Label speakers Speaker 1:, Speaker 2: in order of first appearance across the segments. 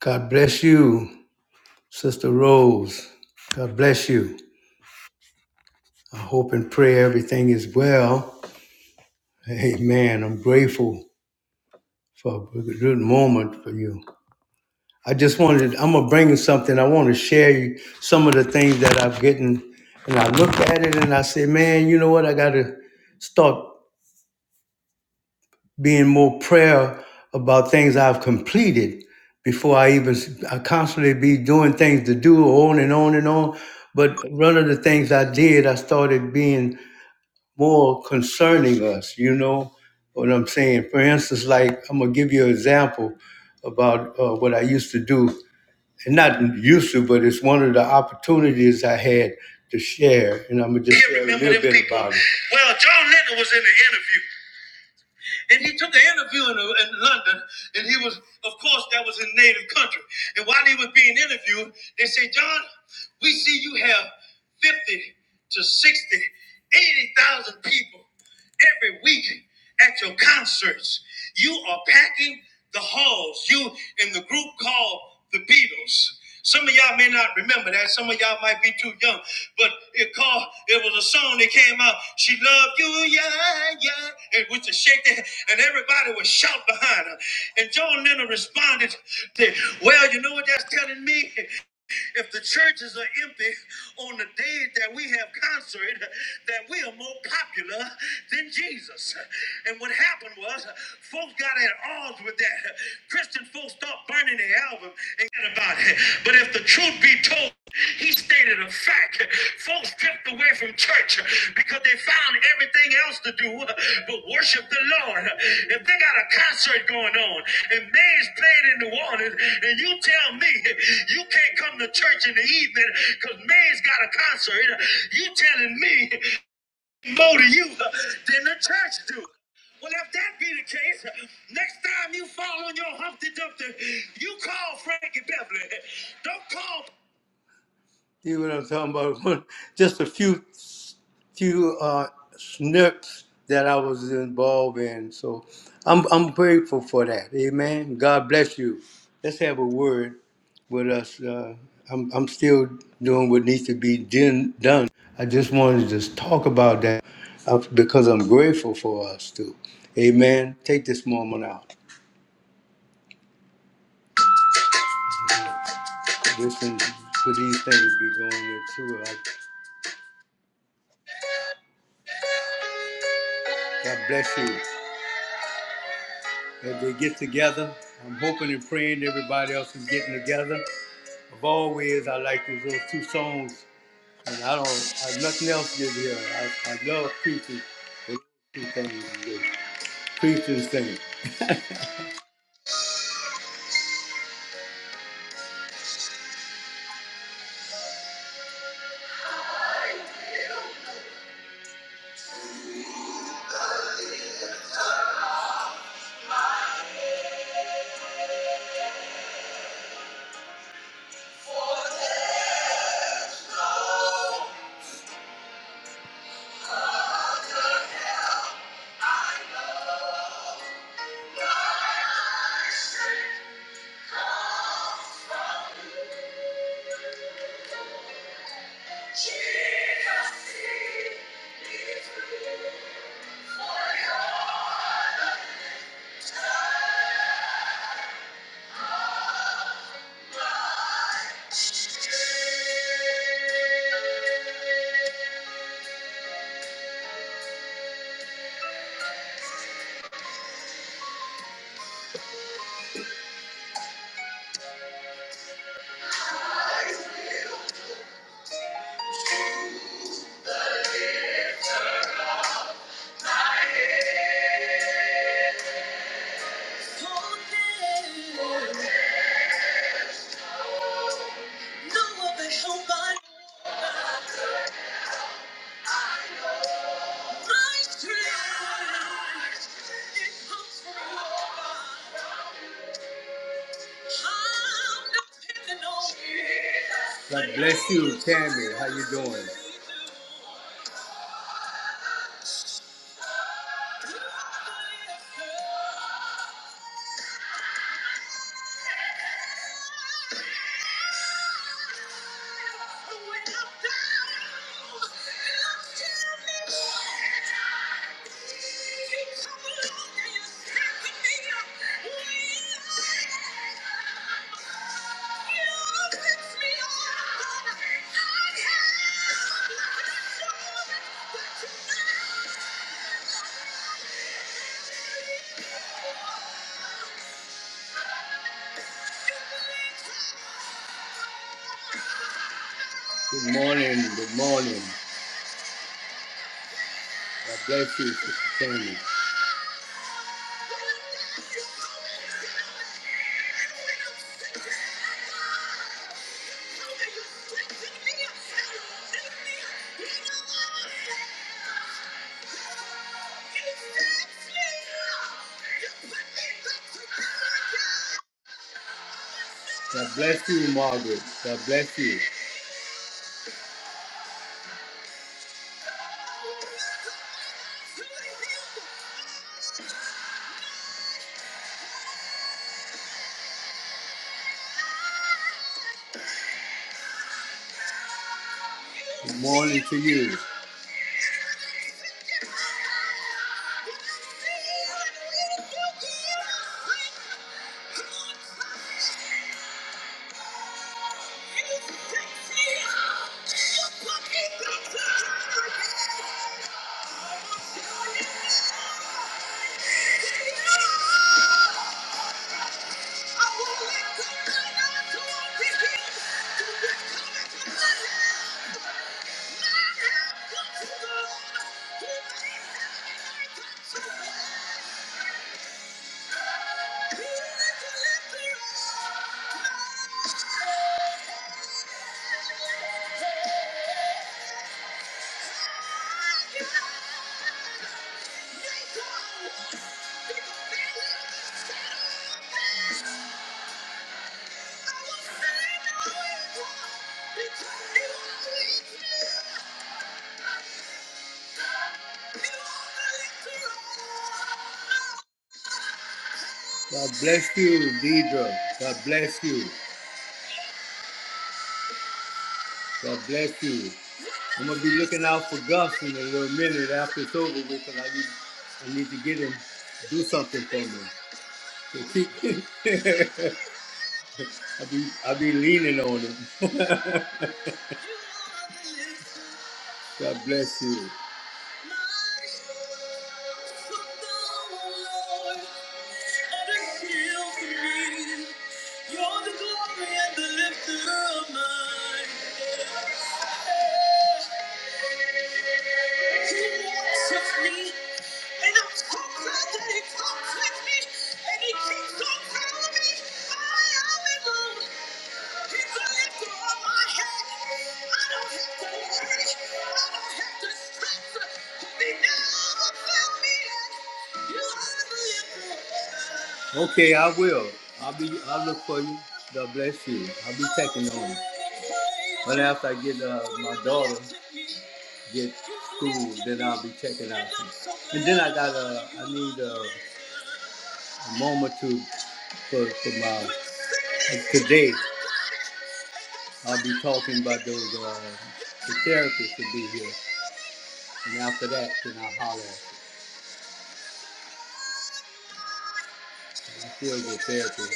Speaker 1: God bless you, Sister Rose. God bless you. I hope and pray everything is well. Amen. I'm grateful for a good moment for you. I just wanted, I'm going to bring you something. I want to share you some of the things that I've gotten. And I looked at it and I said, man, you know what? I got to start. being more prayer about things I've completed before I even I constantly be doing things to do on and on and on. But one of the things I did, I started being more concerning us. You know what I'm saying? For instance, like I'm gonna give you an example about uh, what I used to do, and not used to, but it's one of the opportunities I had to share, and I'm gonna just share a little bit people? about it. Well, John Lennon was in the interview. And he took an interview in, uh, in London, and he was, of course, that was his native country. And while he was being interviewed, they said, John, we see you have 50 to 60, 80,000 people every week at your concerts. You are packing the halls. You in the group called the Beatles. Some of y'all may not remember that. Some of y'all might be too young, but it called. It was a song that came out. She loved you, yeah, yeah, and with the shake, that- and everybody was shout behind her. And John Lennon responded, "Well, you know what that's telling me? If the churches are empty on the day that we have concert, that we are more popular than Jesus. And what happened was, folks got at odds with that. Christian folks stopped burning the album and forget about it. But if the truth be told, he stated a fact. Folks drift away from church because they found everything else to do but worship the Lord. If they got a concert going on and May's playing in New Orleans, and you tell me you can't come to church in the evening because May's got a concert, you telling me more to you than the church do. Well, if that be the case, next time you fall on your Humpty Dumpty, you call Frankie Beverly. Don't call. You know what I'm talking about? Just a few, few uh, snips that I was involved in. So I'm I'm grateful for that. Amen. God bless you. Let's have a word with us. Uh, I'm I'm still doing what needs to be din- done. I just wanted to just talk about that uh, because I'm grateful for us too. Amen. Take this moment out. Listen for these things be going into us. God bless you. as they get together. I'm hoping and praying everybody else is getting together. Of always, I like those little two songs, and I don't have nothing else to give here. I, I love preaching, but two things, is good. preaching things. Nobody, nobody. God bless you, Tammy. How you doing? Thank you. Good morning. Good morning. God bless you, Sister Tammy. God bless you, Margaret. God bless you. Good morning to you. I won't let go. Because you are with me. God bless you, Deidre. God bless you. God bless you. I'm gonna be looking out for Gus in a little minute after it's over with, and I need, I need to get him to do something for me. So keep, I'll be, I'll be leaning on him. God bless you. And he keeps on telling me I am in love. Okay, I will. I'll be. I'll look for you. God bless you. I'll be checking on you. But after I get uh, my daughter get school, then I'll be checking out. And then I got a. I need a, a moment to for, for my uh, today. I'll be talking about those, uh, the therapists will be here. And after that, then I'll holler. I feel get therapy.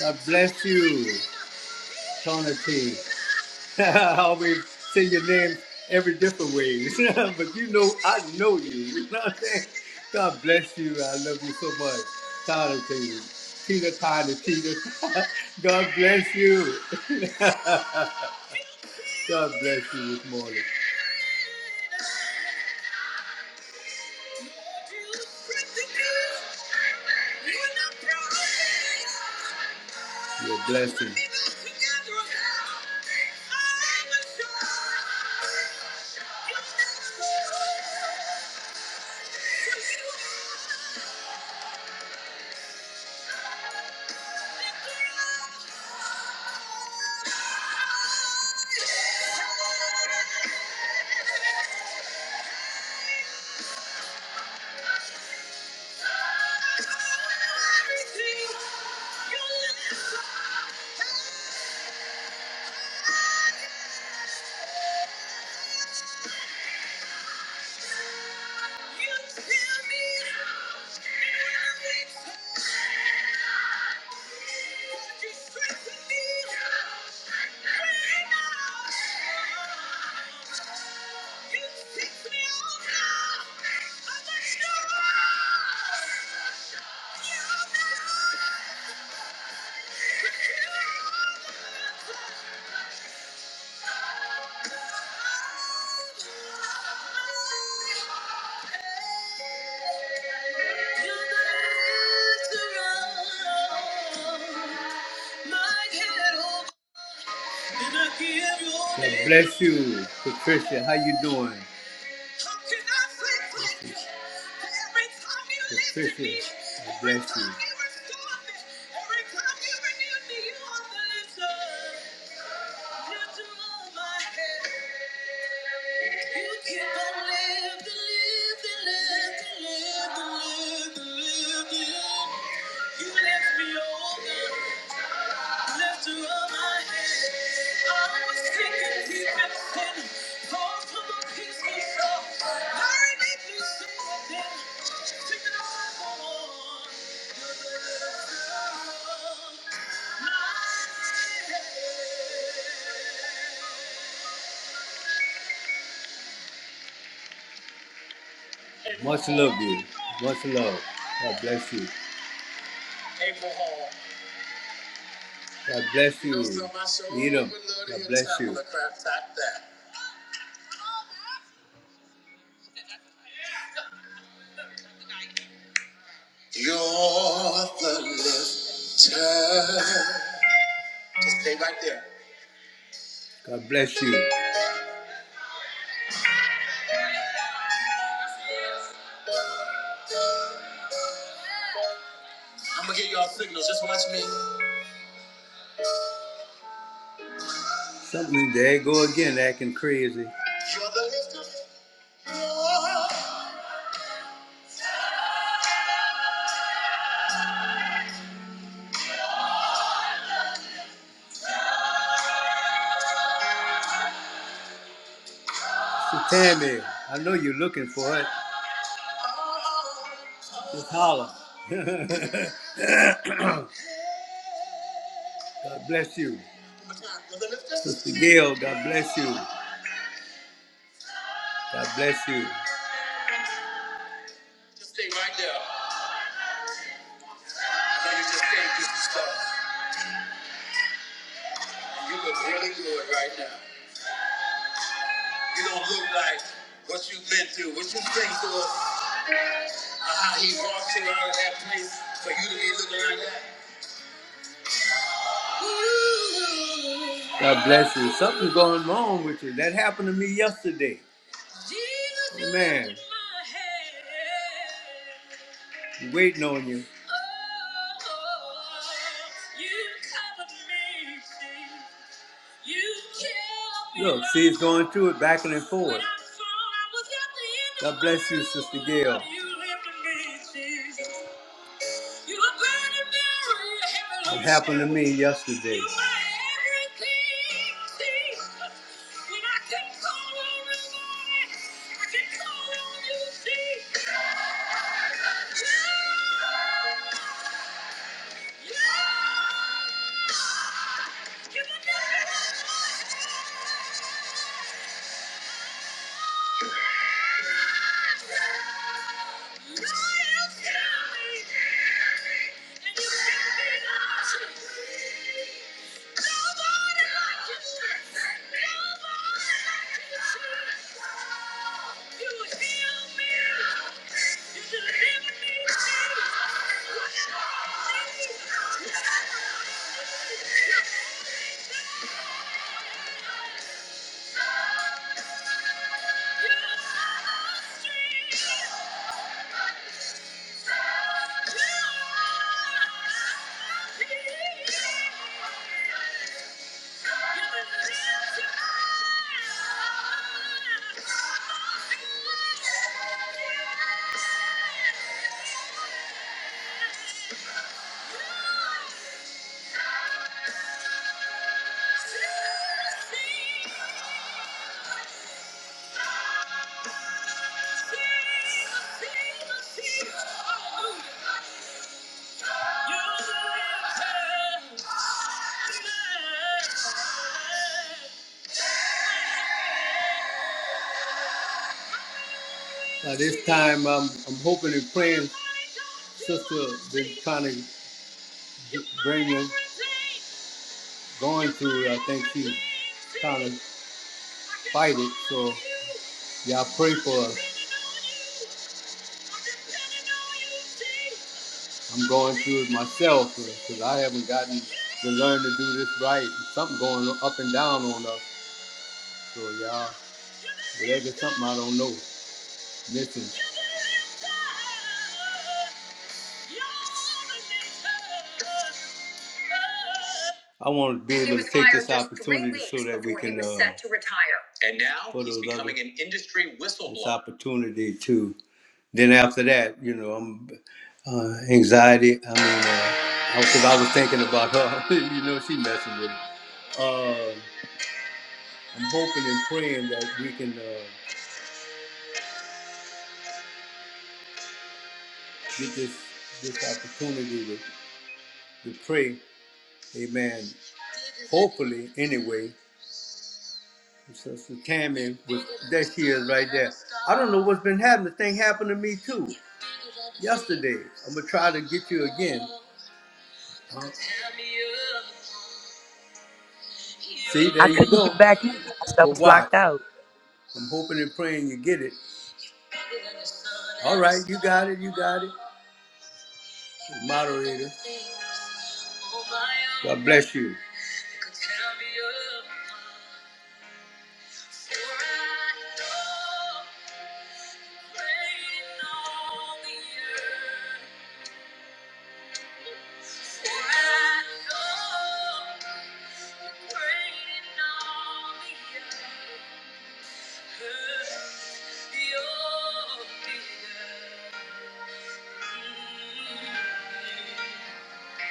Speaker 1: God bless you, Tony T. I always say your name every different way. but you know, I know you. You know what I'm saying? God bless you. I love you so much. Tyler Taylor. Tina Tyler Tina. God bless you. God bless you this morning. Your blessing. you Yeah. God bless you, Patricia. How you doing? Patricia, God bless you. Much love, you. Much love. God bless you. God bless you. Need him. God bless you. God bless you. Something there you go again acting crazy. So Tammy, I know you're looking for it. Just holler. God bless you. Sister Gail, God bless you. God bless you. Just stay right there. I know you just came through some stuff. You look really good right now. You don't look like what you've been through, what you think to us, or how he walked you out of that place for you to be looking like that. God bless you. Something's going wrong with you. That happened to me yesterday. Amen. Man. you Waiting on you. Oh, Look, see, she's going through it back and forth. God bless you, Sister Gail. It happened to me yesterday. Thank you. You're the answer. Uh, this time, I'm, I'm hoping and praying. Sister been kind of bring him going through. it. I think she's trying to fight it. So y'all pray for us. I'm going through it myself because I haven't gotten to learn to do this right. Something going up and down on us. So y'all, whatever something I don't know. Listen. I want to be able to take this opportunity so that we can. uh, set to retire, And now he's becoming an industry whistleblower. This opportunity to. Then after that, you know, I'm uh, anxiety. I mean, because uh, I, 'cause I was thinking about her. you know, she messing with me. Uh, I'm hoping and praying that we can uh, get this this opportunity to, to pray, Amen, hopefully anyway. Sister Tammy was that she is right there. I don't know what's been happening. The thing happened to me too. Yesterday. I'm gonna try to get you again. Huh? See, there
Speaker 2: I
Speaker 1: you
Speaker 2: couldn't
Speaker 1: go.
Speaker 2: get back in. I
Speaker 1: But
Speaker 2: was
Speaker 1: watch.
Speaker 2: locked out.
Speaker 1: I'm hoping and praying you get it. All right, you got it, you got it. Moderator. God bless you.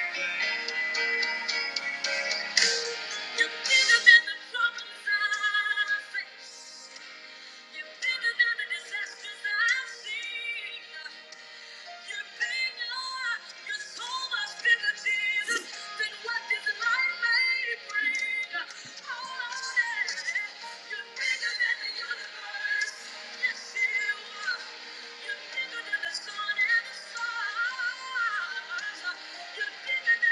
Speaker 1: Thank you. You're bigger than the troubles I face. You're bigger than the disasters I've seen. You're bigger. You're so much bigger, Jesus, than what this life may bring. Oh, Lord, you're bigger than the universe. Yes, you are. You're bigger than the sun and the stars. You're bigger Thank you.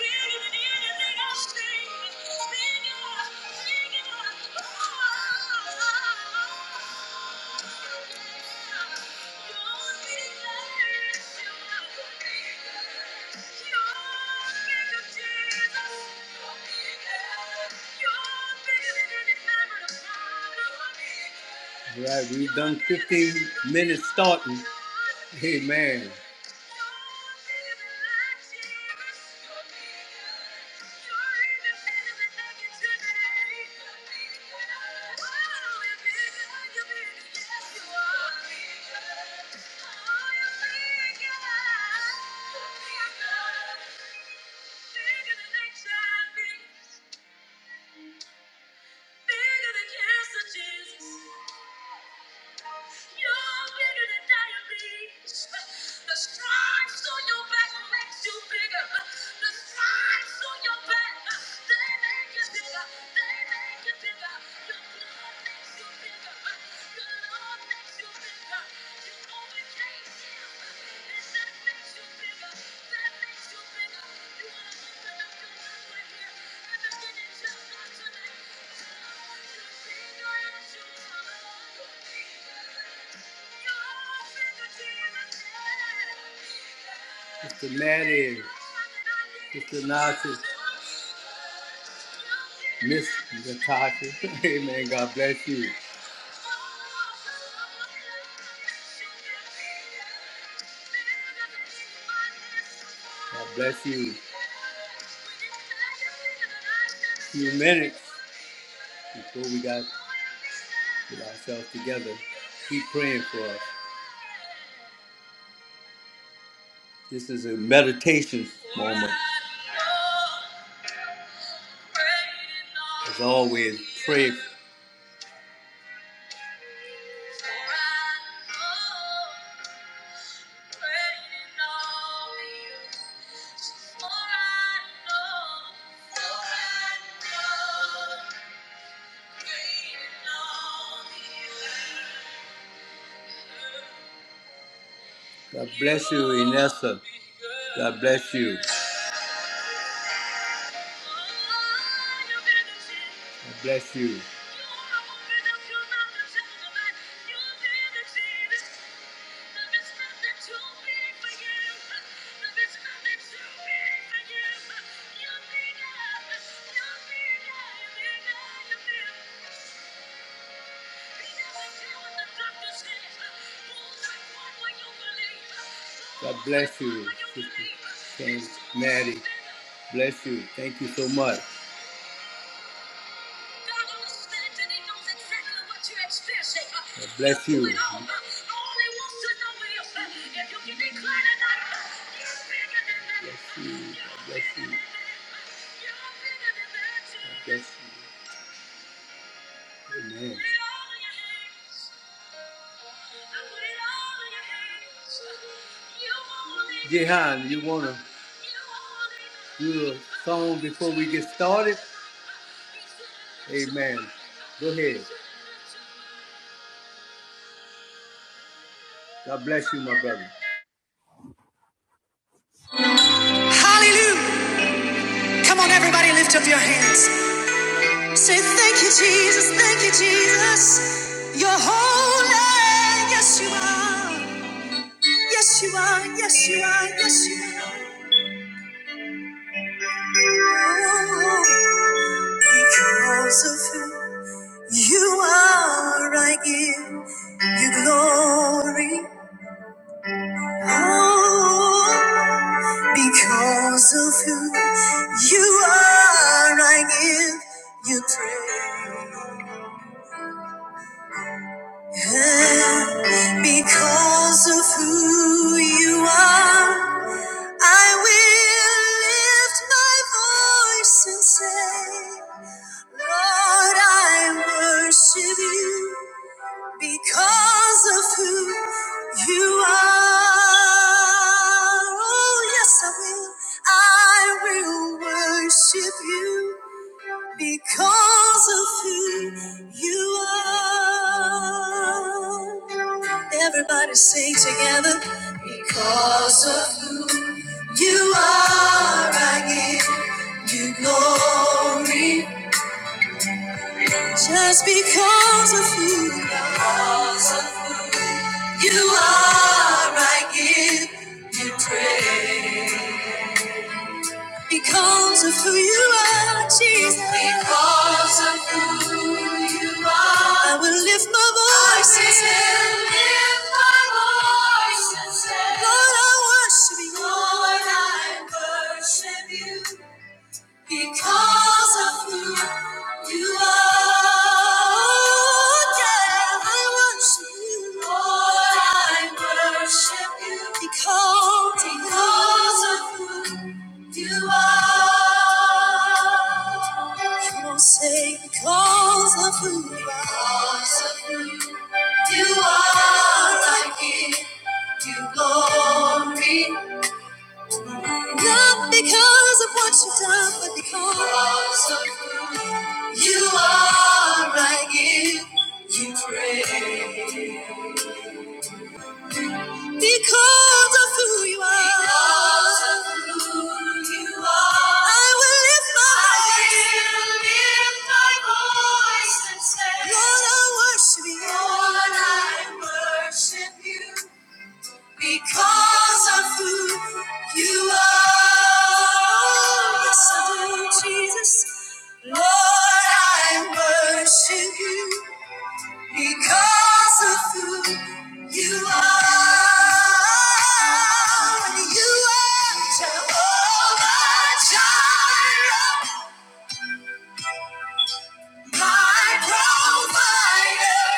Speaker 1: Thank you. All right, we've done 15 minutes starting. Amen. Bigger than cancer, Jesus. You're bigger than diabetes. The stripes on your back makes you bigger. The stripes on your back, they make you bigger. They make you bigger. Your blood makes you bigger. Your love makes you bigger. You overcame. Mr. Maddie, Mr. Nazi, Miss Natasha. Amen. God bless you. God bless you. Few minutes before we got to get ourselves together. Keep praying for us. This is a meditation moment. As always, pray God bless you, Inessa. God bless you. God bless you. God bless you, Sister King Maddie. Bless you. Thank you so much. God Bless you. Bless you. Bless you. God Bless you. Jehan, you want to do a song before we get started? Amen. Go ahead. God bless you, my brother.
Speaker 3: Hallelujah. Come on, everybody, lift up your hands. Say, Thank you, Jesus. Thank you, Jesus. You're holy. Yes, you are. Yes, you are. Yes, you are. Yes, you are. Oh, because of who you are, I give you glory. Oh, because of who you are, I give you praise. Because of who you are, I will lift my voice and say, Lord, I worship you because of who you are. Oh, yes, I will. I will worship you because of who you are. Everybody sing together because of who you are. I give you glory just because of who because of you are. I give you praise because of who you are, Jesus. Because of who. I will lift my voice and say, I will lift my voice and say, Lord, I worship you. Lord, I worship you because of who you are. Yeah, I worship you. Lord, I worship you because, because of who you are. Come not say, because of who you are. You are I give you glory. Not because of what you've done, but because of you are I give you praise. Because of who you are. Because of who you are. I will lift my voice. I will lift my voice and say, Lord, I worship you. Lord, I worship you. Because of who you are. Yes, I do, Jesus. Lord, I worship you. Because of who you are, you are Jehovah Jireh, my provider.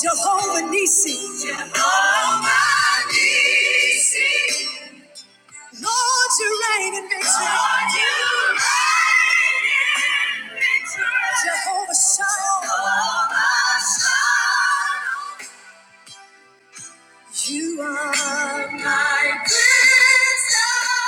Speaker 3: Jehovah Nisi. Jehovah Nisi. Lord, you reign in victory. Lord, you reign in victory. Jehovah Shalom. Jehovah Shalom. You are my prince crystal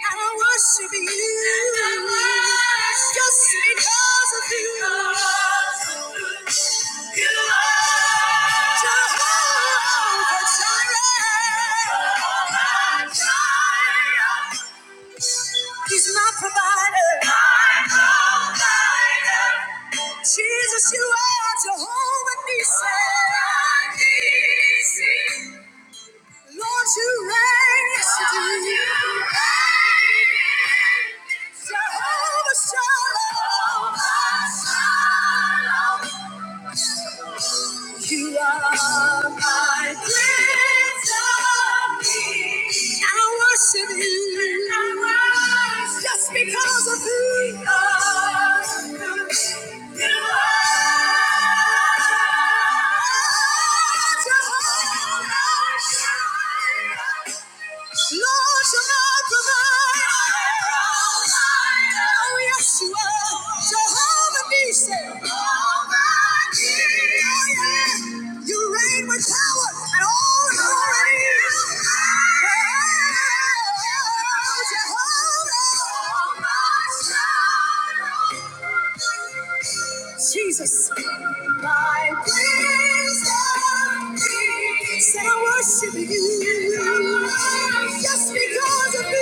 Speaker 3: and I worship you And I worship just because of you. Because of who You are Jehovah Jireh. Jehovah Jireh. He's my provider. provider. Jesus, you are Jehovah Nissi. Jehovah Nissi. Lord, you reign. Yes, you do. Lord, you reign. Jehovah Shalom. Jehovah Shalom. You are my prince of peace. I worship you. I worship you. Just because of who you are. Jehovah Nissi. You reign with power. Jesus, my wisdom said I worship you just because of me.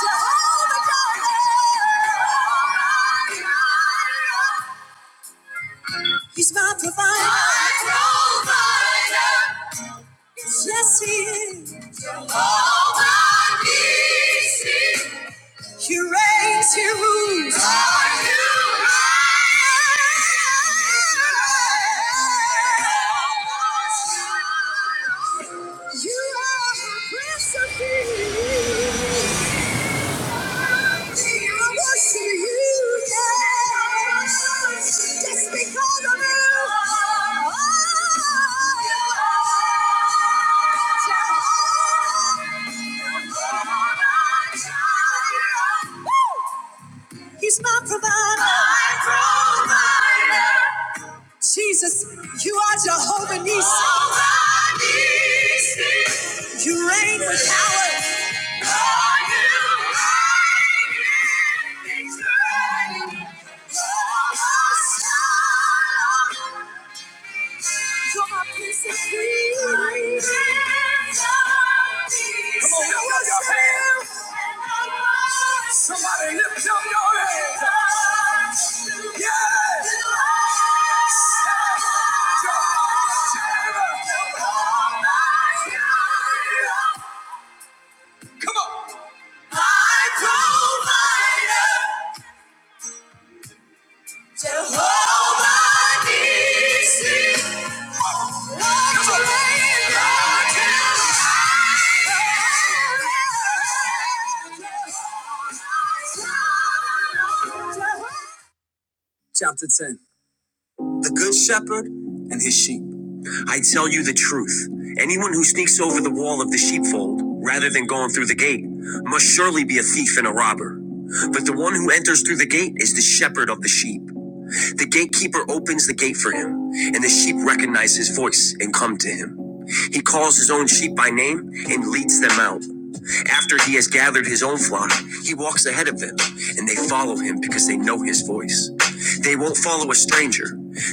Speaker 3: Jehovah God. He's my provider. My provider. Yes, he is. Jehovah Nissi. He reigns, he rules. Lord, you reign. You are my Prince of Peace. He's my provider. My provider. Jesus, you are Jehovah Nissi. You reign with power. Oh, you reign in victory. Oh, Come on, lift up your hands. Somebody lift up your hands. Yes. Come on. My provider. Jehovah Nissi, Lord, you reign, Lord, you Chapter 10 The Good Shepherd and His Sheep. I tell you the truth. Anyone who sneaks over the wall of the sheepfold, rather than going through the gate, must surely be a thief and a robber. But the one who enters through the gate is the shepherd of the sheep. The gatekeeper opens the gate for him, and the sheep recognize his voice and come to him. He calls his own sheep by name and leads them out. After he has gathered his own flock, he walks ahead of them, and they follow him because they know his voice. They won't follow a stranger.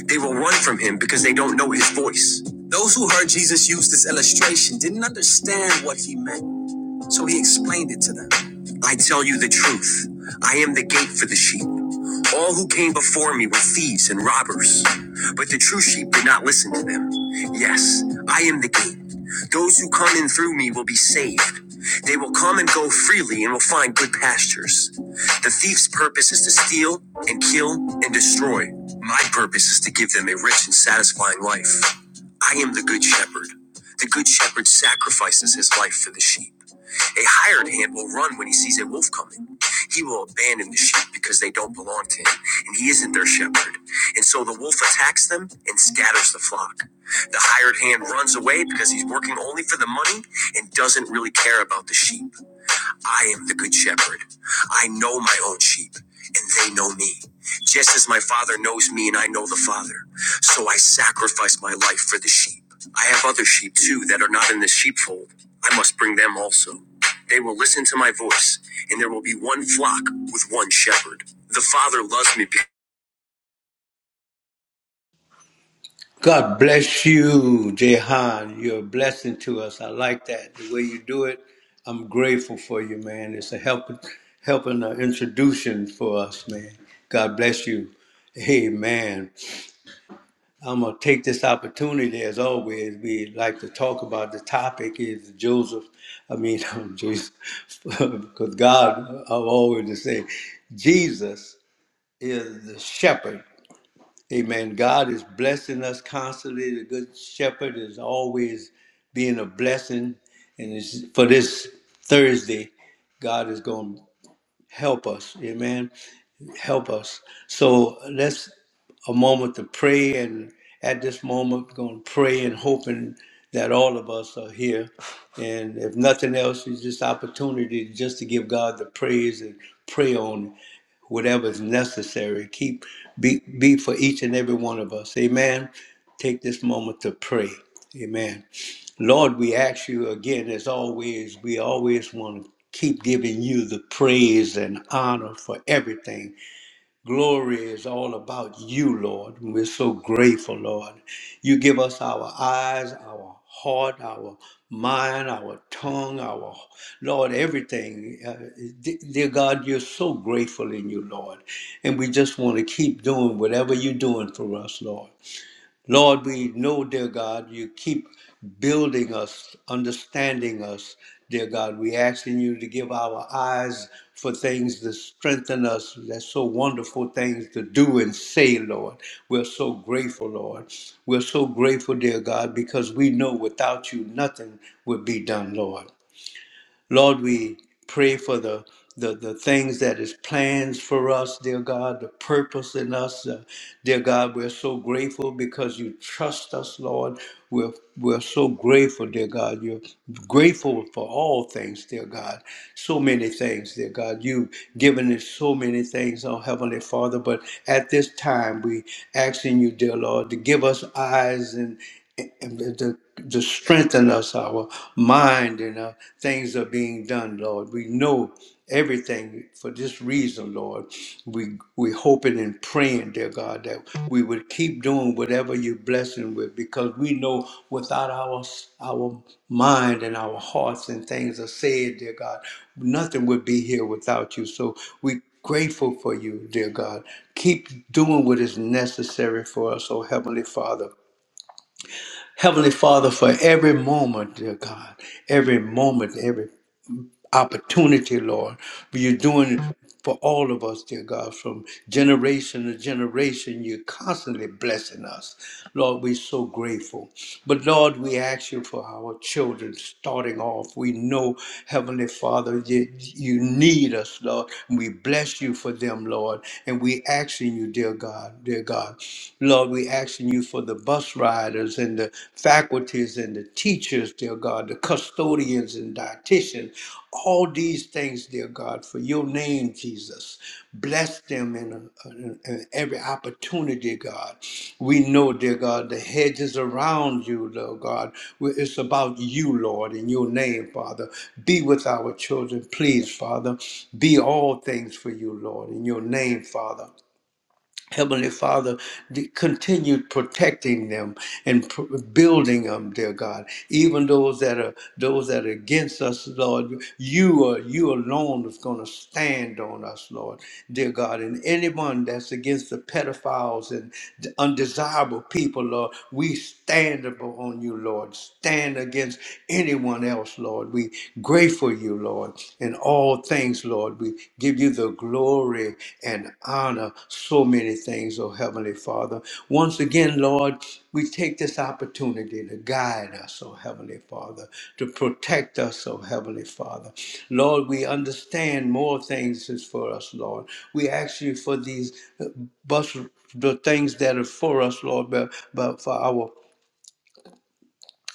Speaker 3: They will run from him because they don't know his voice. Those who heard Jesus use this illustration didn't understand what he meant. I tell you the truth. I am the gate for the sheep. All who came before me were thieves and robbers, but the true sheep did not listen to them. Yes, I am the gate. Those who come in through me will be saved. They will come and go freely and will find good pastures. The thief's purpose is to steal and kill and destroy. My purpose is to give them a rich and satisfying life. I am the good shepherd. The good shepherd sacrifices his life for the sheep. A hired hand will run when he sees a wolf coming. He will abandon the sheep because they don't belong to him, and he isn't their shepherd. And so the wolf attacks them and scatters the flock. The hired hand runs away because he's working only for the money and doesn't really care about the sheep. I am the good shepherd. I know my own sheep, and they know me. Just as my Father knows me, and I know the Father. So I sacrifice my life for the sheep. I have other sheep too that are not in the sheepfold. I must bring them also. They will listen to my voice, and there will be one flock with one shepherd. The Father loves me. Because-
Speaker 1: God bless you, Jehan. You're a blessing to us. I like that the way you do it. I'm grateful for you, man. It's a helping, helping uh, introduction for us, man. God bless you. Amen. I'm gonna take this opportunity, as always. We like to talk about the topic is Joseph. I mean, Jesus, because God, I'm always to say, Jesus is the shepherd Amen. God is blessing us constantly. The Good Shepherd is always being a blessing. And it's, for this Thursday, God is going to help us. Amen. Help us. So let's a moment to pray. And at this moment, we're going to pray and hoping that all of us are here. And if nothing else, it's just opportunity just to give God the praise and pray on. it whatever is necessary. Keep be be for each and every one of us. Amen. Take this moment to pray. Amen. Lord, we ask you again, as always, we always want to keep giving you the praise and honor for everything Glory is all about you, Lord. And We're so grateful, Lord. You give us our eyes, our heart, our mind, our tongue, our Lord, everything. Uh, de- dear God, you're so grateful in you, Lord. And we just want to keep doing whatever you're doing for us, Lord. Lord, we know, dear God, you keep building us, understanding us, dear God. We asking you to give our eyes for things to strengthen us. That's so wonderful things to do and say, Lord. We're so grateful, Lord. We're so grateful, dear God, because we know without you nothing would be done, Lord. Lord, we pray for the the, the things that is plans for us, dear God, the purpose in us, uh, dear God, we're so grateful because you trust us, Lord. We're we're so grateful, dear God. You're grateful for all things, dear God. So many things, dear God. You've given us so many things, oh Heavenly Father. But at this time, we asking you, dear Lord, to give us eyes and and to, to strengthen us, our mind, and uh, things are being done, Lord. We know everything for this reason, Lord. We we hoping and praying, dear God, that we would keep doing whatever you're blessing with, because we know without our our mind and our hearts and things are said, dear God, nothing would be here without you. So we grateful for you, dear God. Keep doing what is necessary for us, oh Heavenly Father Heavenly Father, for every moment, dear God, every moment, every opportunity, Lord. You're doing it for all of us, dear God, from generation to generation. You're constantly blessing us. Lord, we're so grateful. But Lord, we ask you for our children starting off. We know, Heavenly Father, that you need us, Lord. And we bless you for them, Lord. And we asking you, dear God, dear God. Lord, we asking you for the bus riders and the faculties and the teachers, dear God, the custodians and dietitians, all these things, dear God, for your name, Jesus. Bless them in, in, in every opportunity, God. We know, dear God, the hedges around you, Lord God. We- It's about you, Lord, in your name, Father. Be with our children, please, Father. Be all things for you, Lord, in your name, Father. Heavenly Father, d- continue protecting them and pr- building them, dear God. Even those that are those that are against us, Lord, you are you alone is going to stand on us, Lord, dear God. And anyone that's against the pedophiles and the undesirable people, Lord, we stand upon you, Lord. Stand against anyone else, Lord. We grateful you, Lord. Lord. In all things, Lord, we give you the glory and honor. So many things, oh Heavenly Father. Once again, Lord, we take this opportunity to guide us, oh Heavenly Father, to protect us, oh Heavenly Father. Lord, we understand more things is for us, Lord. We ask you for these uh, bus the things that are for us, Lord, but, but for our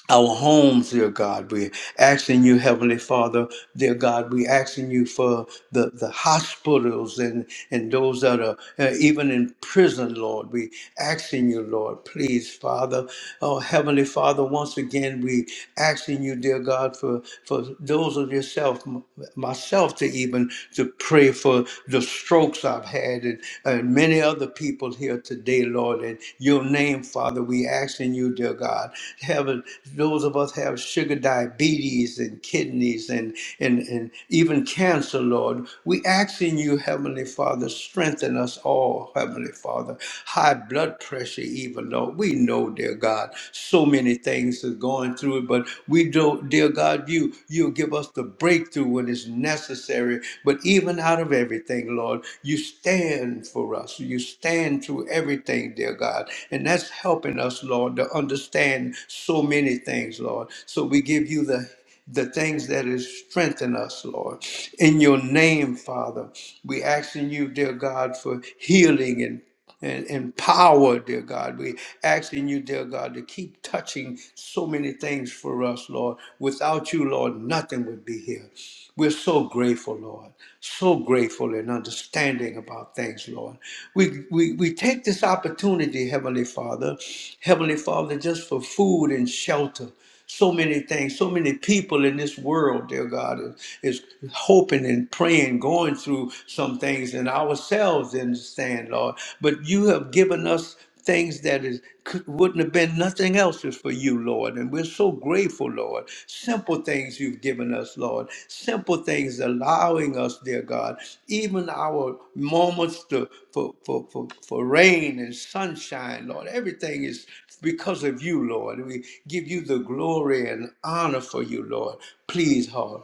Speaker 1: our homes, dear God. We're asking you, Heavenly Father, dear God, we're asking you for the, the hospitals and, and those that are uh, even in prison, Lord. we asking you, Lord, please, Father. Oh, Heavenly Father, once again, we asking you, dear God, for, for those of yourself, m- myself to even, to pray for the strokes I've had had and, and many other people here today, Lord. In your name, Father, we asking you, dear God, have a- those of us have sugar diabetes and kidneys and, and, and even cancer, Lord. We asking you, Heavenly Father, strengthen us all, Heavenly Father. High blood pressure, even, Lord. We know, dear God, so many things are going through it, but we do not know, dear God, you you give us the breakthrough when it's necessary. But even out of everything, Lord, you stand for us. You stand through everything, dear God. And that's helping us, Lord, to understand so many things, Lord. So we give you the the things that is strengthen us, Lord. In your name, Father, we asking you, dear God, for healing and and, and power, dear God. We asking you, dear God, to keep touching so many things for us, Lord. Without you, Lord, nothing would be here. We're so grateful, Lord, so grateful and understanding about things, Lord. We, we, we take this opportunity, Heavenly Father, Heavenly Father, just for food and shelter. So many things, so many people in this world, dear God, is, is hoping and praying, going through some things, and ourselves understand, Lord. But you have given us things that is could, wouldn't have been nothing else is for you, Lord. And we're so grateful, Lord. Simple things you've given us, Lord. Simple things allowing us, dear God, even our moments to, for, for, for, for rain and sunshine, Lord. Everything is because of you, Lord. We give you the glory and honor for you, Lord. Please, Lord.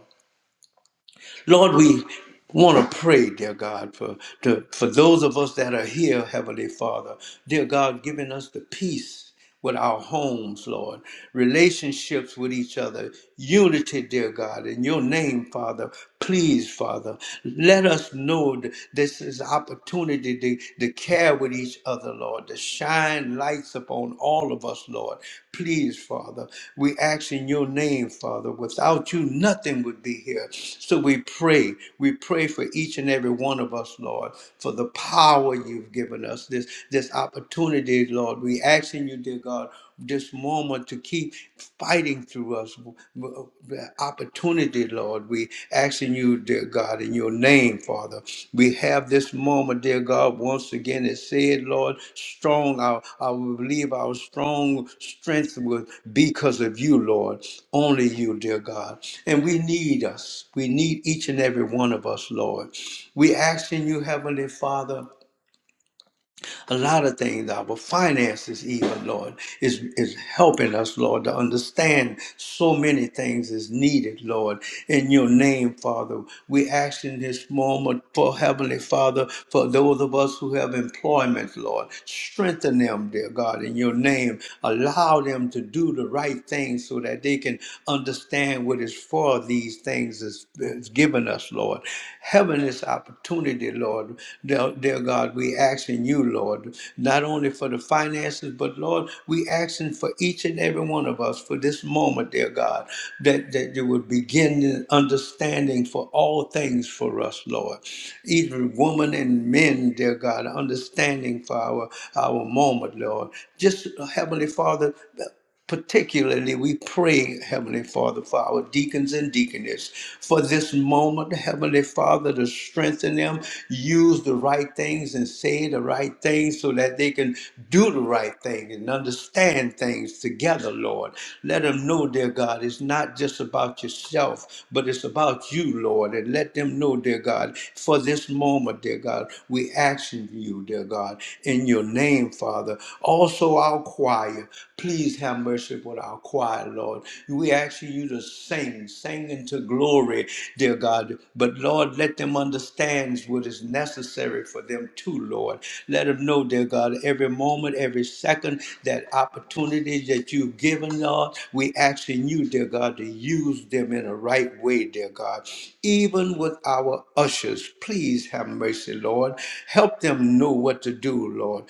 Speaker 1: Lord, we want to pray, dear God, for, to, for those of us that are here, Heavenly Father. Dear God, giving us the peace with our homes, Lord, relationships with each other, unity, dear God, in your name, Father. Please, Father, let us know that this is opportunity to, to care with each other, Lord, to shine lights upon all of us, Lord. Please, Father, we ask in your name, Father. Without you, nothing would be here. So we pray. We pray for each and every one of us, Lord, for the power you've given us, this, this opportunity, Lord. We ask in you, dear God, this moment to keep fighting through us, opportunity, Lord. We asking you, dear God, in your name, Father. We have this moment, dear God, once again it said, Lord, strong, I, I believe our strong strength will be because of you, Lord. Only you, dear God. And we need us. We need each and every one of us, Lord. We asking you, Heavenly Father a lot of things, our finances, even, Lord, is, is helping us, Lord, to understand so many things is needed, Lord. In your name, Father, we ask in this moment for Heavenly Father, for those of us who have employment, Lord, strengthen them, dear God, in your name. Allow them to do the right things so that they can understand what is for these things is, is given us, Lord. Heaven is opportunity, dear Lord. Dear, dear God, we asking you, Lord, not only for the finances, but Lord, we asking for each and every one of us for this moment, dear God, that, that you would begin an understanding for all things for us, Lord. Even women and men, dear God, understanding for our, our moment, Lord. Just, Heavenly Father, Particularly, we pray, Heavenly Father, for our deacons and deaconess. For this moment, Heavenly Father, to strengthen them, use the right things and say the right things so that they can do the right thing and understand things together, Lord. Let them know, dear God, it's not just about yourself, but it's about you, Lord. And let them know, dear God, for this moment, dear God, we ask you, dear God, in your name, Father. Also, our our choir. Please have mercy with our choir, Lord. We ask you to sing, sing into glory, dear God. But Lord, let them understand what is necessary for them too, Lord. Let them know, dear God, every moment, every second, that opportunities that you've given, Lord, we asking you, dear God, to use them in the right way, dear God. Even with our ushers, please have mercy, Lord. Help them know what to do, Lord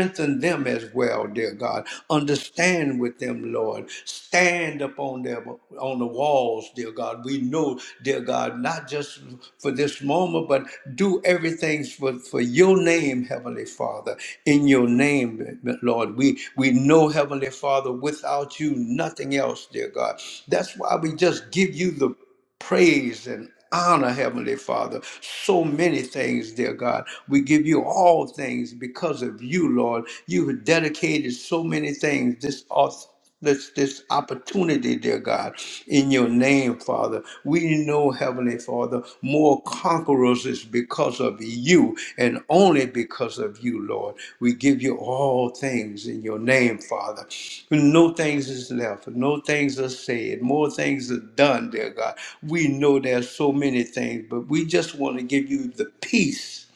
Speaker 1: Strengthen them as well, dear God. Understand with them, Lord. Stand upon them on the walls, dear God. We know, dear God, not just for this moment, but do everything for, for your name, Heavenly Father. In your name, Lord. We we know, Heavenly Father, without you, nothing else, dear God. That's why we just give you the praise and honor, Heavenly Father. So many things, dear God. We give you all things because of you, Lord. You have dedicated so many things, this auth- This, this opportunity, dear God, in your name, Father. We know, Heavenly Father, more conquerors is because of you and only because of you, Lord. We give you all things in your name, Father. No things is left, no things are said, more things are done, dear God. We know there's so many things, but we just want to give you the peace,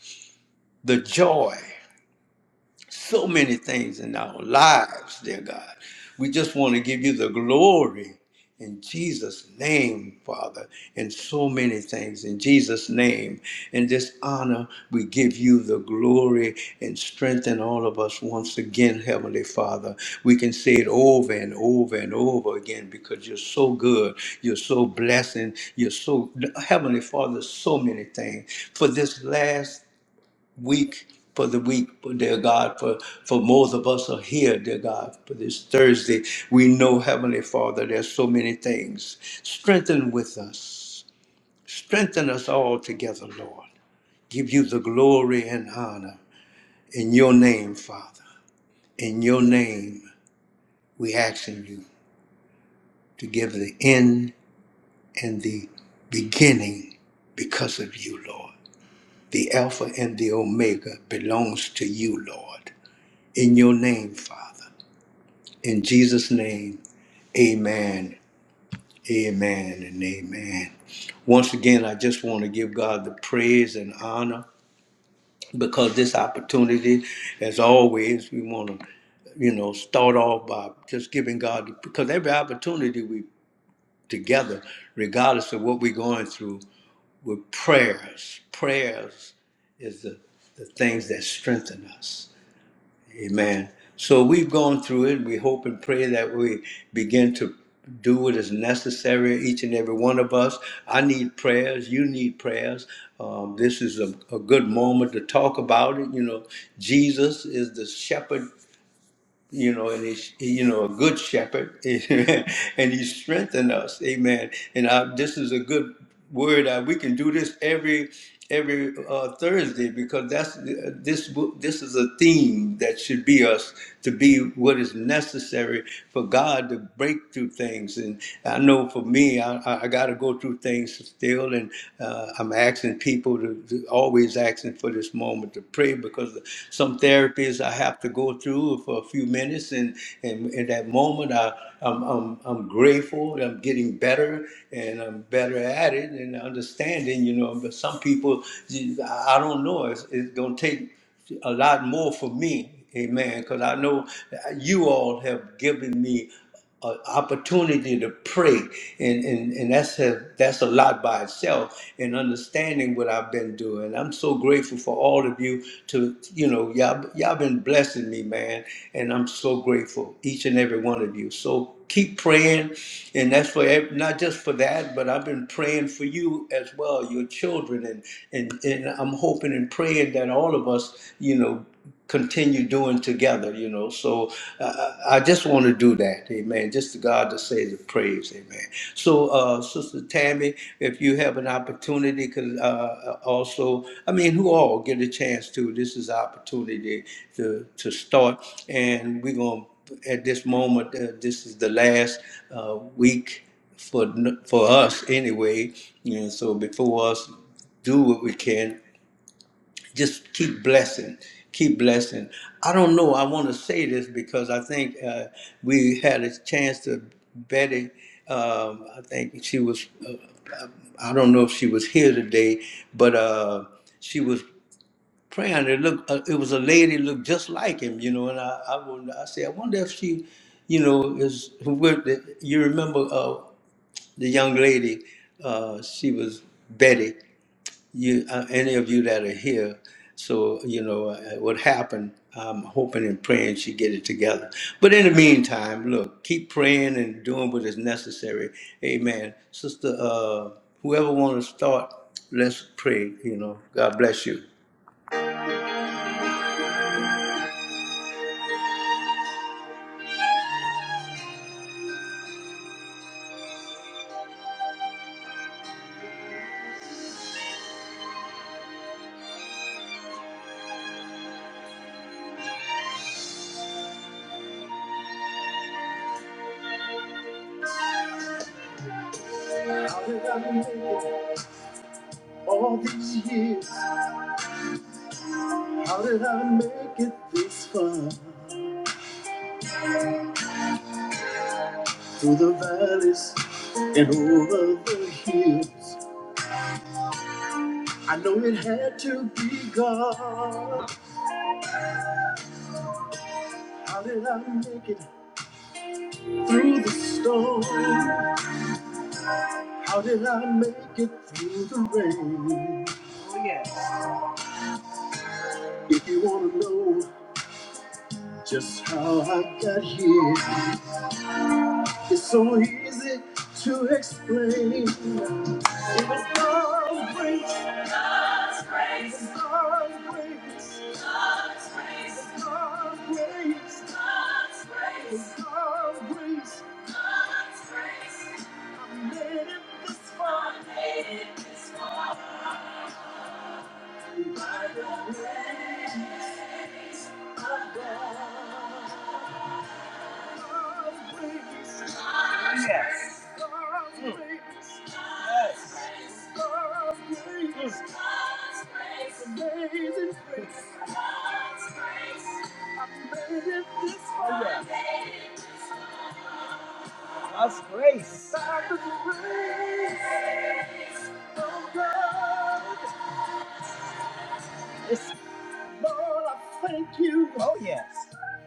Speaker 1: the joy so many things in our lives, dear God. We just want to give you the glory in Jesus' name, Father, and so many things in Jesus' name. In this honor, we give you the glory and strengthen all of us once again, Heavenly Father. We can say it over and over and over again because you're so good, you're so blessing, you're so, Heavenly Father, so many things. For this last week for the week, dear God, for, for most of us are here, dear God, for this Thursday. We know, Heavenly Father, there's so many things. Strengthen with us. Strengthen us all together, Lord. Give you the glory and honor in your name, Father. In your name, we asking you to give the end and the beginning because of you, Lord. The Alpha and the Omega belongs to you, Lord. In your name, Father. In Jesus' name, amen, amen, and amen. Once again, I just want to give God the praise and honor because this opportunity, as always, we want to, you know, start off by just giving God, because every opportunity we together, regardless of what we're going through, with prayers, prayers is the, the things that strengthen us Amen. So we've gone through it. We hope and pray that we begin to do what is necessary, each and every one of us. I need prayers. You need prayers. Um, this is a, a good moment to talk about it. You know, Jesus is the shepherd you know, and he's, you know, a good shepherd, and he strengthened us, amen. And I, this is a good word. I, we can do this every every uh, Thursday because that's this book. this is a theme that should be us to be what is necessary for God to break through things. And I know for me, I, I got to go through things still, and uh, I'm asking people to, to always always asking for this moment to pray because some therapies I have to go through for a few minutes, and and in that moment I I'm I'm, I'm grateful. I'm getting better, and I'm better at it, and understanding. You know, but some people I I don't know. It's, it's gonna take a lot more for me. Amen. Because I know you all have given me an opportunity to pray and and, and that's a, that's a lot by itself and understanding what I've been doing. I'm so grateful for all of you to you know y'all y'all been blessing me man and I'm so grateful each and every one of you. So keep praying and that's for ev- not just for that but I've been praying for you as well your children and and and I'm hoping and praying that all of us you know continue doing together, you know. So uh, I just want to do that, amen. Just to God to say the praise, amen. So, uh, Sister Tammy, if you have an opportunity, because uh, also, I mean, who all get a chance to, this is opportunity to, to start, and we're going to, at this moment, uh, this is the last uh, week for for us anyway, you know. so before us, do what we can just keep blessing keep blessing i don't know i want to say this because i think uh, we had a chance to betty um, i think she was uh, i don't know if she was here today but uh, she was praying it looked uh, it was a lady looked just like him you know and i i, wonder- I say i wonder if she you know is who would- you remember uh, the young lady uh, she was betty you uh, any of you that are here so you know uh, what happened i'm hoping and praying she get it together but in the meantime look keep praying and doing what is necessary amen sister uh whoever want to start let's pray you know god bless you
Speaker 2: How did I make it all these years? How did I make it this far? Through the valleys and over the hills. I know it had to be God. How did I make it through the storm? How did I make it through the rain? Oh, yes. If you want to know just how I got here, It's so easy to explain. It was God's grace. God's grace. It was God's grace. God's grace. It was God's grace. God's grace. It was God's grace. God's grace. I made it this far. I made it this far. By the grace. God's Yes. grace. Mm. Yes. Amazing grace. Oh, yeah. God's grace. God's grace. Oh, God. Yes. Lord, I thank you. Oh, yes.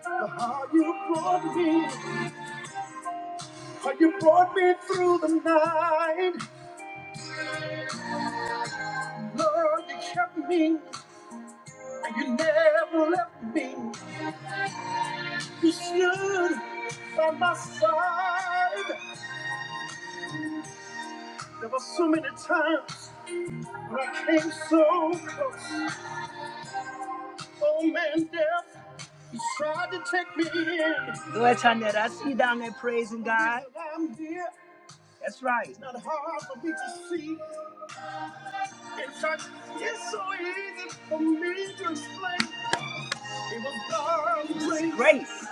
Speaker 2: For how you brought me. How you brought me through the night. Lord, you kept me. And you never left me. You stood by my side. There were so many times when I came so close. Oh man, death, you tried to take me in. Go ahead, Chanette. I see you down there praising God. I'm dear. That's right. It's not hard for me to see. In fact, it's so easy for me to explain. It was God's grace. Grace.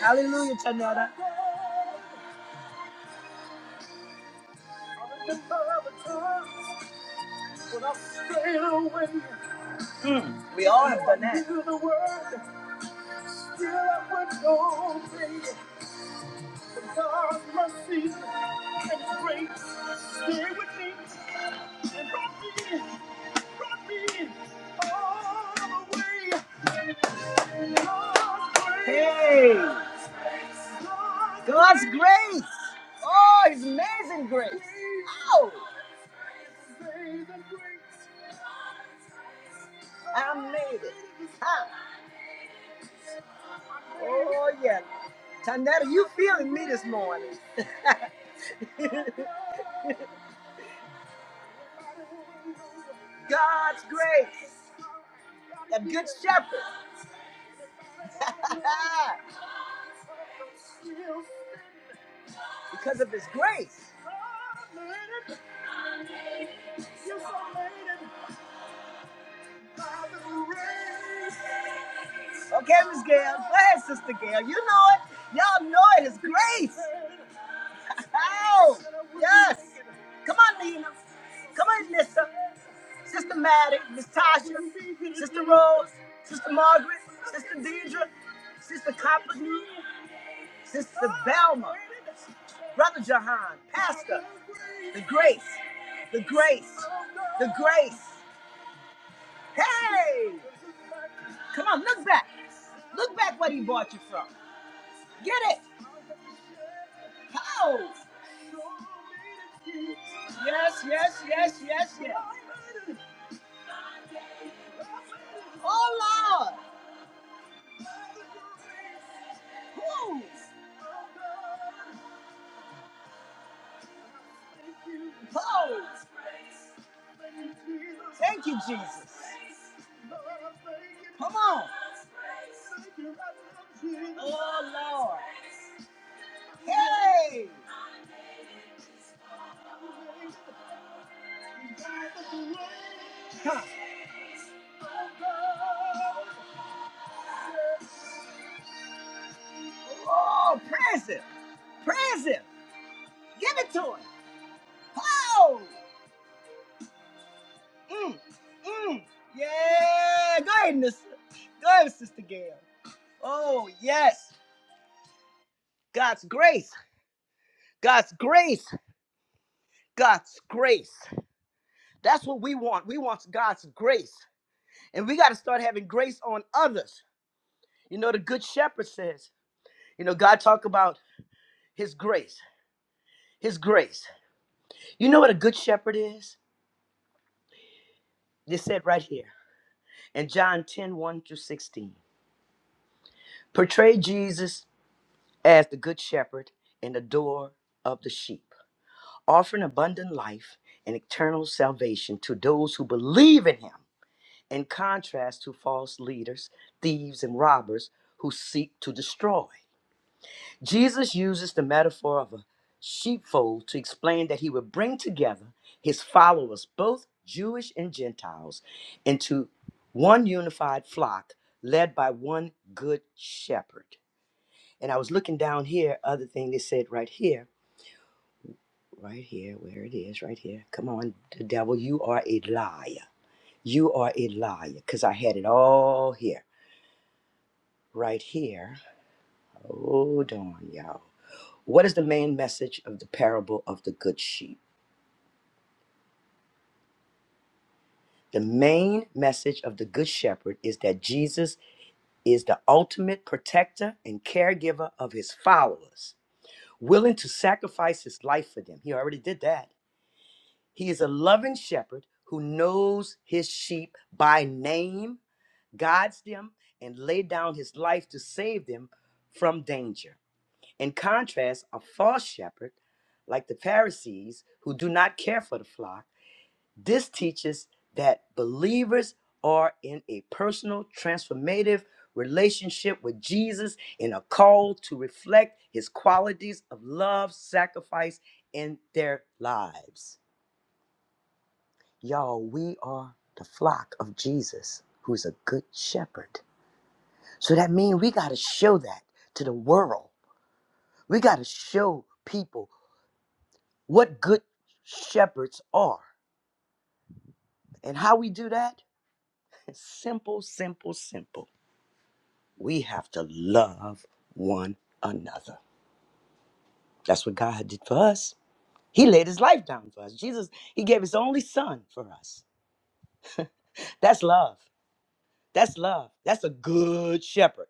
Speaker 2: Hallelujah, Tanada. We all have done that. God's mercy and His grace stay with me and brought me, brought me all the way. God's grace. Hey, God's grace. Oh, His amazing grace. Oh, amazing grace. I made it. Huh? Oh yeah, Tanetta, you feeling me this morning? God's grace, the good shepherd. because of his grace. Okay, Miss Gail. Go ahead, Sister Gail. You know it. Y'all know it. His grace. Ow! Yes! Come on, Nina. Come on, Nissa. Sister Maddie, Miss Tasha, Sister Rose, Sister Margaret, Sister Deidre, Sister Company, Sister Velma, Brother Jahan, Pastor, the grace, the grace, the grace. Hey! Come on, look back. Look back where he brought you from. Get it. Oh. Yes, yes, yes, yes, yes. Oh, Lord. Woo. Oh. Thank you, Jesus. Come on. Oh, Lord. Hey. Huh. Oh, praise him. Praise him. Give it to him. Oh. Mm. Mm. Yeah. Go ahead, Miss. Go ahead, Sister Gail. Oh, yes. God's grace. God's grace. God's grace. That's what we want. We want God's grace. And we got to start having grace on others. You know, the good shepherd says, you know, God talk about his grace. His grace. You know what a good shepherd is? They said right here. and John ten one through 16 portray Jesus as the good shepherd and the door of the sheep, offering abundant life and eternal salvation to those who believe in him, in contrast to false leaders, thieves, and robbers who seek to destroy. Jesus uses the metaphor of a sheepfold to explain that he would bring together his followers, both Jewish and Gentiles, into one unified flock led by one good shepherd. And I was looking down here, other thing they said right here, right here, where it is, right here. Come on, the devil, you are a liar. You are a liar, because I had it all here, right here. Hold on, y'all. What is the main message of the parable of the good sheep? The main message of the Good Shepherd is that Jesus is the ultimate protector and caregiver of his followers, willing to sacrifice his life for them. He already did that. He is a loving shepherd who knows his sheep by name, guides them, and laid down his life to save them from danger. In contrast, a false shepherd, like the Pharisees, who do not care for the flock, this teaches that believers are in a personal, transformative relationship with Jesus and are called to reflect his qualities of love, sacrifice in their lives. Y'all, we are the flock of Jesus, who's a good shepherd. So that means we got to show that to the world. We got to show people what good shepherds are. And how we do that? Simple, simple, simple. we have to love one another. That's what God did for us. He laid his life down for us. Jesus, he gave his only son for us. That's love. That's love. That's a good shepherd.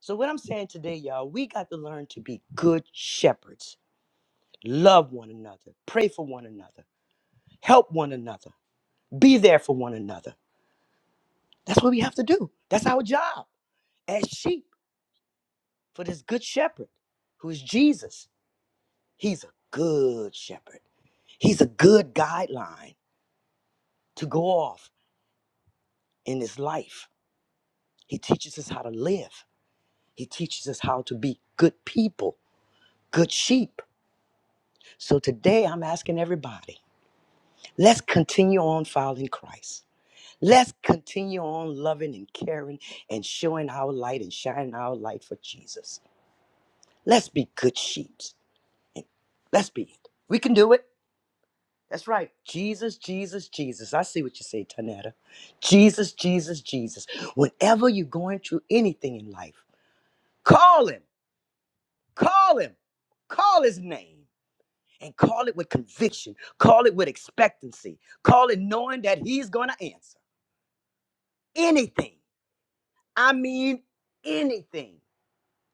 Speaker 2: So, what I'm saying today, y'all, we got to learn to be good shepherds, love one another, pray for one another, help one another, be there for one another. That's what we have to do. That's our job as sheep for this good shepherd who is Jesus. He's a good shepherd. He's a good guideline to go off in this life. He teaches us how to live. He teaches us how to be good people, good sheep. So today I'm asking everybody, let's continue on following Christ. Let's continue on loving and caring and showing our light and shining our light for Jesus. Let's be good sheep. Let's be it. We can do it. That's right. Jesus, Jesus, Jesus. I see what you say, Tanetta. Jesus, Jesus, Jesus. Whenever you're going through anything in life, call him, call him, call his name, and call it with conviction, call it with expectancy, call it knowing that he's going to answer anything. I mean, anything.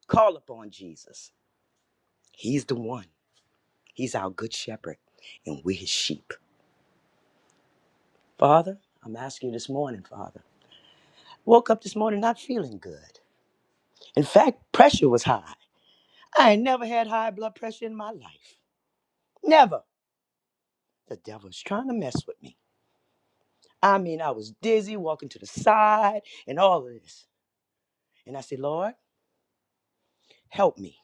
Speaker 2: Call upon Jesus. He's the one, he's our good shepherd, and we're his sheep. Father, I'm asking you this morning, Father. Woke up this morning not feeling good. In fact, pressure was high. I ain't never had high blood pressure in my life. Never. The devil was trying to mess with me. I mean, I was dizzy, walking to the side, and all of this. And I said, Lord, help me.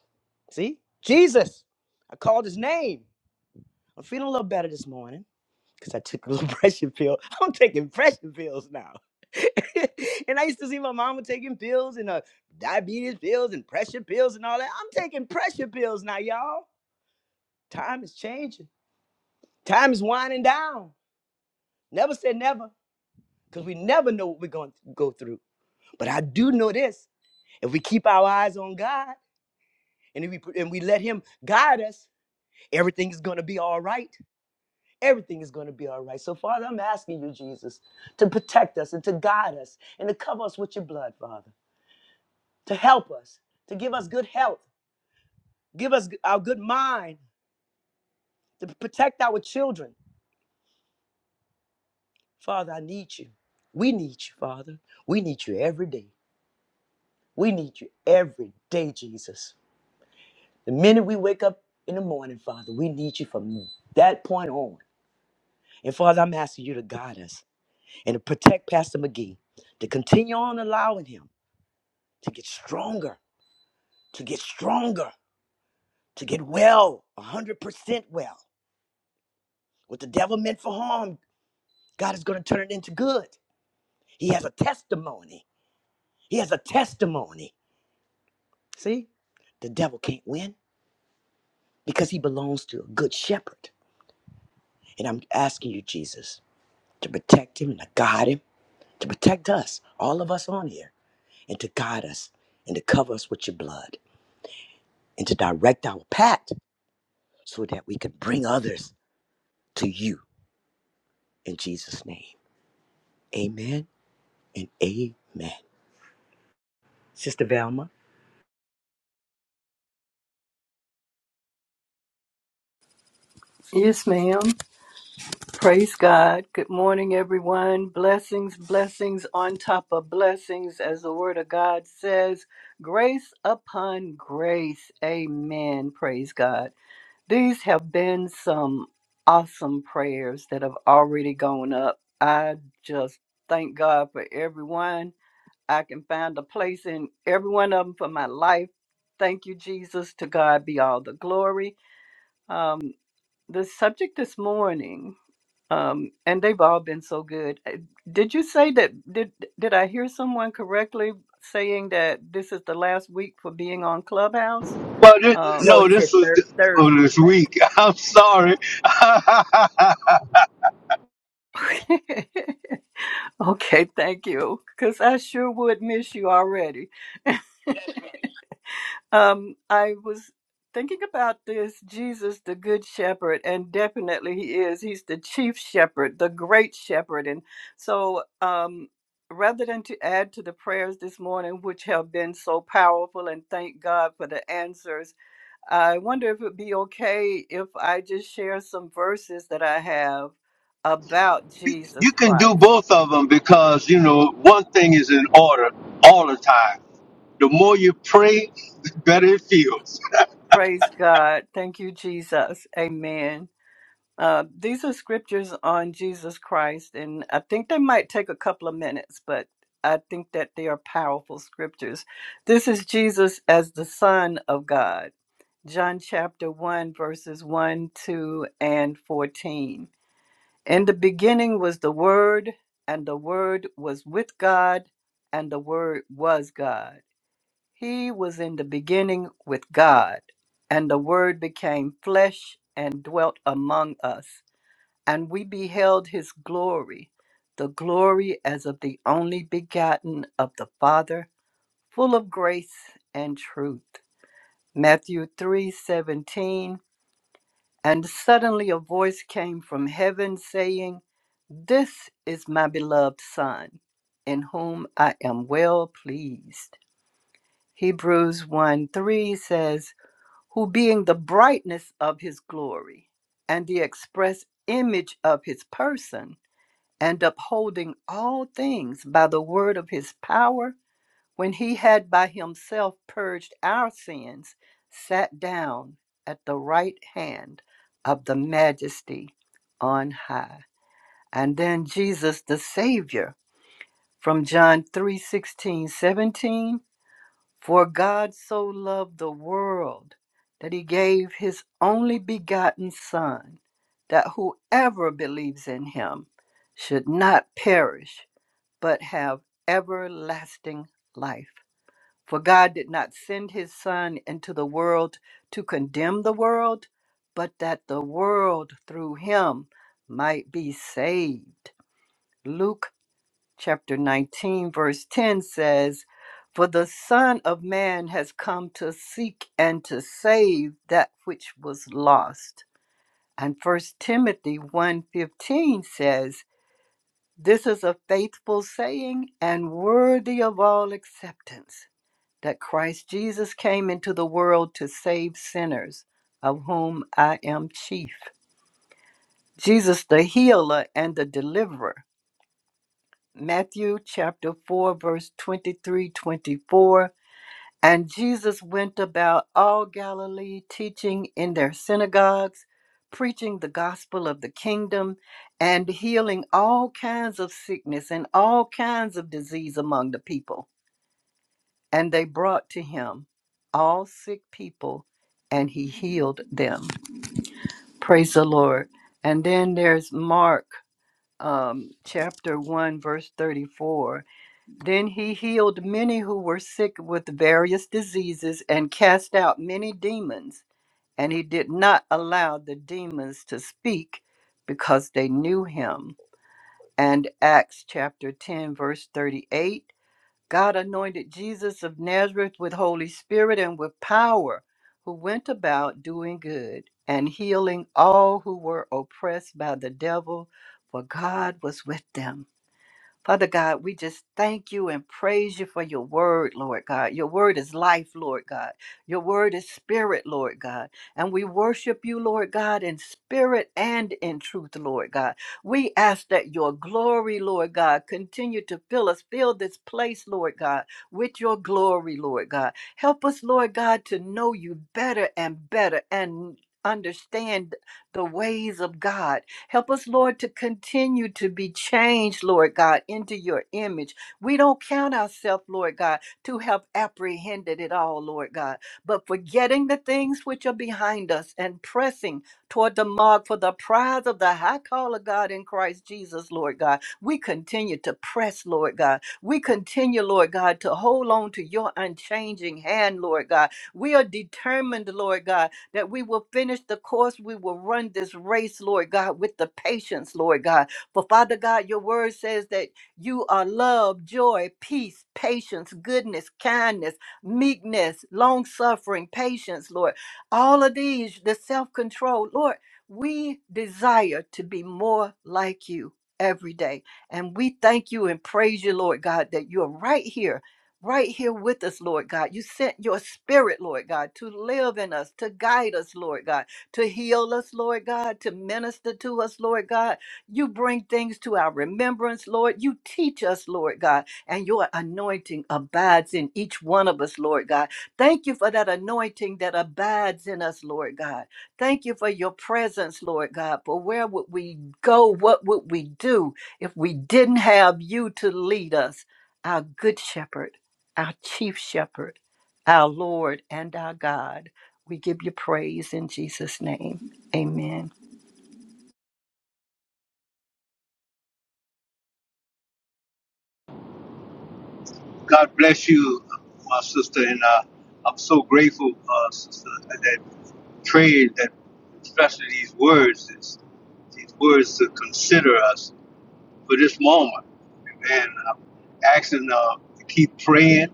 Speaker 2: See? Jesus. I called his name. I'm feeling a little better this morning because I took a little pressure pill. I'm taking pressure pills now. and I used to see my mama taking pills and uh, diabetes pills and pressure pills and all that. I'm taking pressure pills now, y'all. Time is changing. Time is winding down. Never say never, because we never know what we're going to go through. But I do know this if we keep our eyes on God and, if we, and we let Him guide us, everything is going to be all right. Everything is going to be all right. So, Father, I'm asking you, Jesus, to protect us and to guide us and to cover us with your blood, Father, to help us, to give us good health, give us our good mind, to protect our children. Father, I need you. We need you, Father. We need you every day. We need you every day, Jesus. The minute we wake up in the morning, Father, we need you from that point on. And Father, I'm asking you to guide us and to protect Pastor McGee, to continue on allowing him to get stronger, to get stronger, to get well, 100% well. What the devil meant for harm, God is going to turn it into good. He has a testimony. He has a testimony. See, the devil can't win because he belongs to a good shepherd. And I'm asking you, Jesus, to protect him, and to guide him, to protect us, all of us on here, and to guide us and to cover us with your blood and to direct our path so that we can bring others to you in Jesus' name. Amen and amen. Sister Velma?
Speaker 4: Yes, ma'am. Praise God. Good morning, everyone. Blessings, blessings on top of blessings, as the Word of God says, grace upon grace. Amen. Praise God. These have been some awesome prayers that have already gone up. I just thank God for everyone. I can find a place in every one of them for my life. Thank you, Jesus. To God be all the glory. Um, the subject this morning. Um, and they've all been so good. Uh, Did you say that? Did did I hear someone correctly saying that this is the last week for being on Clubhouse?
Speaker 1: Well, this,
Speaker 4: Um,
Speaker 2: No,
Speaker 1: no,
Speaker 2: he said
Speaker 1: this was
Speaker 2: thir-
Speaker 1: th- oh,
Speaker 2: Thursday,
Speaker 1: this
Speaker 2: Celeste.
Speaker 1: week. I'm sorry.
Speaker 4: okay, thank you, because I sure would miss you already. Um, I was thinking about this Jesus, the Good Shepherd, and definitely he is. He's the chief shepherd, the great shepherd. And so, um, rather than to add to the prayers this morning, which have been so powerful, and thank God for the answers, I wonder if it would be okay if I just share some verses that I have about
Speaker 1: you
Speaker 4: Jesus
Speaker 1: can do
Speaker 4: Christ.
Speaker 1: both of them because you know one thing is in order all the time. The more you pray, the better it feels.
Speaker 4: Praise God. Thank you, Jesus. Amen. Uh, these are scriptures on Jesus Christ, and I think they might take a couple of minutes, but I think that they are powerful scriptures. This is Jesus as the Son of God, John chapter 1, verses 1, 2, and 14. In the beginning was the Word, and the Word was with God, and the Word was God. He was in the beginning with God, and the Word became flesh and dwelt among us. And we beheld his glory, the glory as of the only begotten of the Father, full of grace and truth. Matthew 3:17 And suddenly a voice came from heaven saying, "This is my beloved son, in whom I am well pleased." Hebrews one three says, "Who being the brightness of his glory and the express image of his person, and upholding all things by the word of his power, when he had by himself purged our sins, sat down at the right hand of the majesty on high. And then Jesus the Savior from John 3 16 17, For God so loved the world that he gave his only begotten Son, that whoever believes in him should not perish but have everlasting life. For God did not send his Son into the world to condemn the world, but that the world through him might be saved. Luke chapter 19, verse 10 says, For the Son of Man has come to seek and to save that which was lost. And First Timothy one fifteen says this is a faithful saying and worthy of all acceptance that Christ Jesus came into the world to save sinners, of whom I am chief. Jesus, the healer and the deliverer. Matthew chapter 4, verse 23, 24. And Jesus went about all Galilee, teaching in their synagogues, preaching the gospel of the kingdom, and healing all kinds of sickness and all kinds of disease among the people. And they brought to him all sick people, and he healed them. Praise the Lord. And then there's Mark um, chapter 1, verse 34 then he healed many who were sick with various diseases and cast out many demons. And he did not allow the demons to speak because they knew him. And Acts chapter 10, verse 38 God anointed Jesus of Nazareth with Holy Spirit and with power, who went about doing good and healing all who were oppressed by the devil, for God was with them. Father God, we just thank you and praise you for your word, Lord God. Your word is life, Lord God. Your word is spirit, Lord God. And we worship you, Lord God, in spirit and in truth, Lord God. We ask that your glory, Lord God, continue to fill us, fill this place, Lord God, with your glory, Lord God. Help us, Lord God, to know you better and better and understand the ways of God Help us, Lord, to continue to be changed, Lord God, into your image. We don't count ourselves, Lord God, to have apprehended it all, Lord God, but forgetting the things which are behind us and pressing toward the mark for the prize of the high call of God in Christ Jesus, Lord God. We continue to press, Lord God. We continue, Lord God, to hold on to your unchanging hand, Lord God. We are determined, Lord God that we will finish the course. We will run this race, Lord God, with the patience, Lord God. For Father God, your word says that you are love, joy, peace, patience, goodness, kindness, meekness, long suffering, patience, Lord. All of these, the self control, Lord, we desire to be more like you every day. And we thank you and praise you, Lord God, that you're right here right here with us, Lord God. You sent your spirit, Lord God, to live in us, to guide us, Lord God, to heal us, Lord God, to minister to us, Lord God. You bring things to our remembrance, Lord. You teach us, Lord God, and your anointing abides in each one of us, Lord God. Thank you for that anointing that abides in us, Lord God. Thank you for your presence, Lord God. For where would we go? What would we do if we didn't have you to lead us, our good shepherd? our chief shepherd, our Lord and our God. We give you praise in Jesus' name. Amen.
Speaker 1: God bless you, my sister, and uh, I'm so grateful, uh, sister, that prayed that especially these words, this, these words to consider us for this moment. Amen. I'm asking uh, to keep praying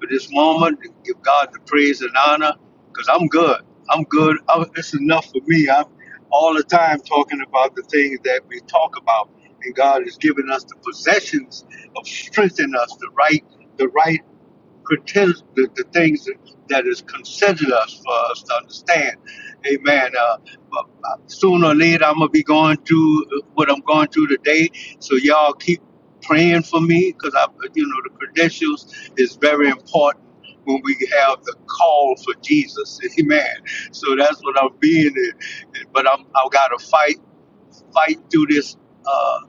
Speaker 1: for this moment. to Give God the praise and honor, because I'm good. I'm good. i it's enough for me. I'm all the time talking about the things that we talk about, and God has given us the possessions of strengthening us, the right, the right pretends the, the things that, that is considered us for us to understand. Amen. Uh, but, uh, sooner or later, I'm gonna be going through uh, what I'm going through today. So y'all keep praying for me because I, you know, the credentials is very important when we have the call for Jesus. Amen. So that's what I'm being in. But I'm I gotta fight fight through this uh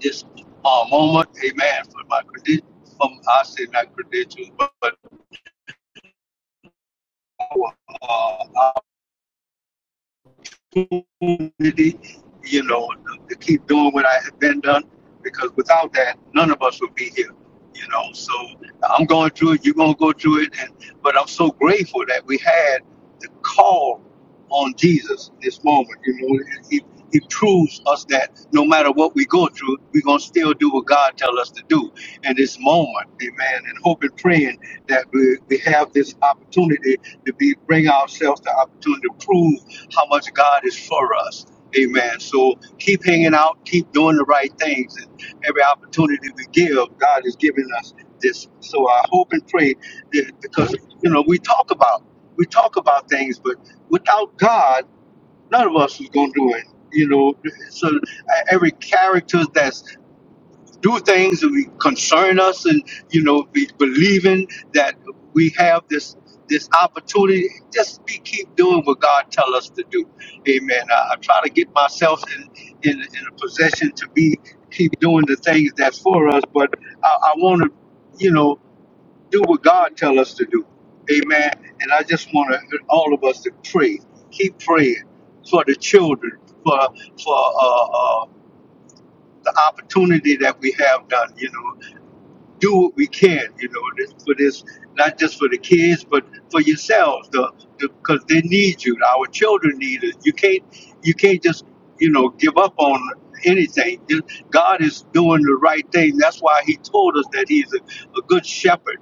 Speaker 1: this uh, moment. Amen. For my credentials. from I say not credentials, but our, uh, opportunity, you know, to keep doing what I have been done because without that, none of us would be here, you know. So I'm going through it, you're going to go through it. And, but I'm so grateful that we had the call on Jesus in this moment, you know. He, he proves us that no matter what we go through, we're going to still do what God tells us to do in this moment, amen. And hope and praying that we, we have this opportunity to be bring ourselves the opportunity to prove how much God is for us. Amen. So keep hanging out, keep doing the right things, and every opportunity we give, God is giving us this. So I hope and pray that because you know we talk about we talk about things, but without God, none of us is gonna do it. You know, so uh, every character that's do things that we concern us and you know be believing that we have this this opportunity just be keep doing what god tell us to do amen i, I try to get myself in, in in a position to be keep doing the things that's for us but i, I want to you know do what god tell us to do amen and i just want to all of us to pray keep praying for the children for for uh, uh, the opportunity that we have done you know do what we can, you know, this, for this, not just for the kids, but for yourselves, the because they need you. Our children need us. You can't, you can't just, you know, give up on anything. Just- God is doing the right thing. That's why He told us that He's a, a good shepherd.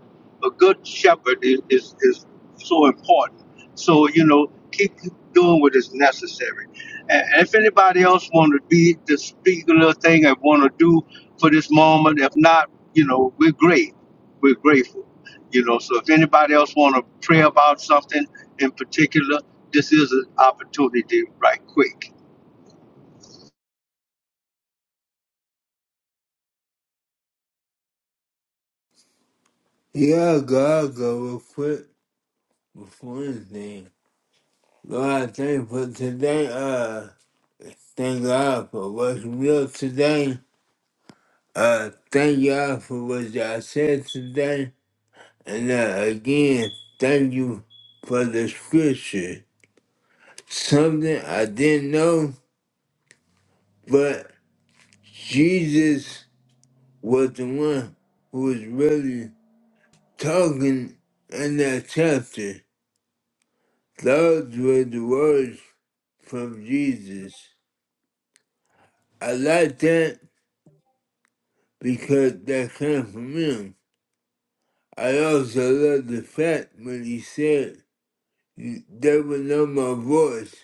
Speaker 1: A good shepherd is, is is so important. So you know, keep doing what is necessary. And if anybody else want to be to speak a little thing and want to do for this moment, if not you know, we're great. We're grateful. You know, so if anybody else want to pray about something in particular, this is an opportunity right quick.
Speaker 3: yeah, God, go real quick before anything. Lord, I thank you for today. Uh, thank God for what's real today. Uh, thank y'all for what y'all said today. And uh, again, thank you for the scripture. Something I didn't know, but Jesus was the one who was really talking in that chapter. Those were the words from Jesus. I like that because that came from him. I also love the fact when he said, "You- They will know my voice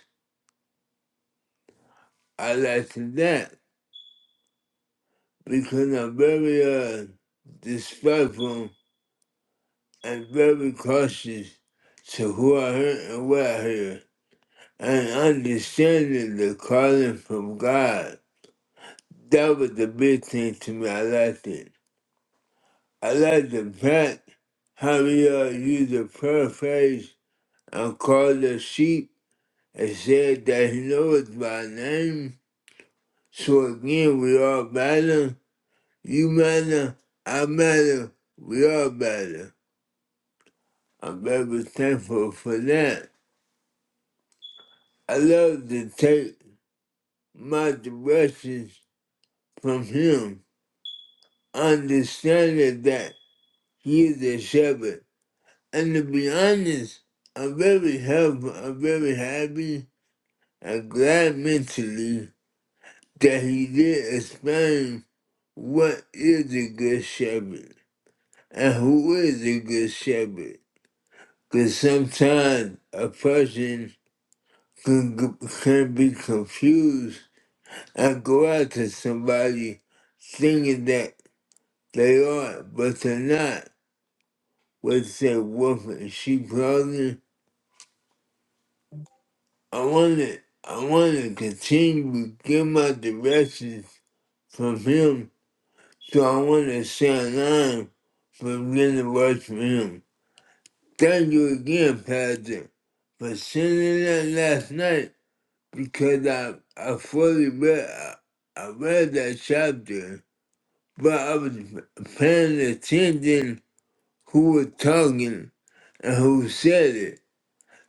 Speaker 3: I liked that because I'm very uh, respectful and very cautious to who I hurt and what I hear, and understanding the calling from God. That was the big thing to me. I liked it. I liked the fact how he uh, used the prayer phrase and called the sheep and said that he knows by name. So again, we all battle You matter, I matter, we all matter. I'm very thankful for that. I love to take my directions from him, understanding that he is a shepherd. And to be honest, I'm very helpful, I'm very happy and glad mentally that he did explain what is a good shepherd and who is a good shepherd. Because sometimes a person can g- can be confused I go out to somebody thinking that they are, but they're not. What's that wolf and sheep clothing, I want to, I want to continue to get my directions from him, so I want to stay in line for getting the words from him. Thank you again, Pastor, for sending that last night because I, I fully read, I, I read that chapter but I was paying attention who was talking and who said it.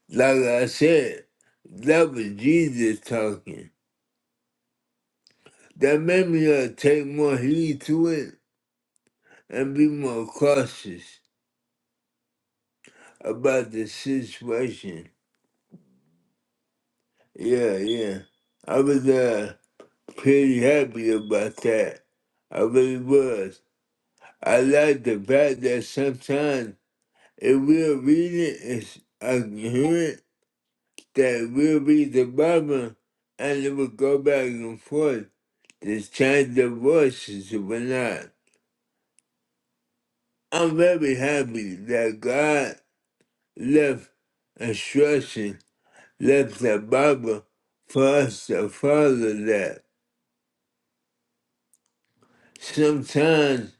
Speaker 3: Like I said, that was Jesus talking. That made me uh, take more heed to it and be more cautious about the situation. Yeah, yeah. I was uh, pretty happy about that. I really was. I like the fact that sometimes if we're reading, it's, I can hear it that will be the problem, and it will go back and forth to change the voices or not. I'm very happy that God left instruction, left the Bible for us to follow that. Sometimes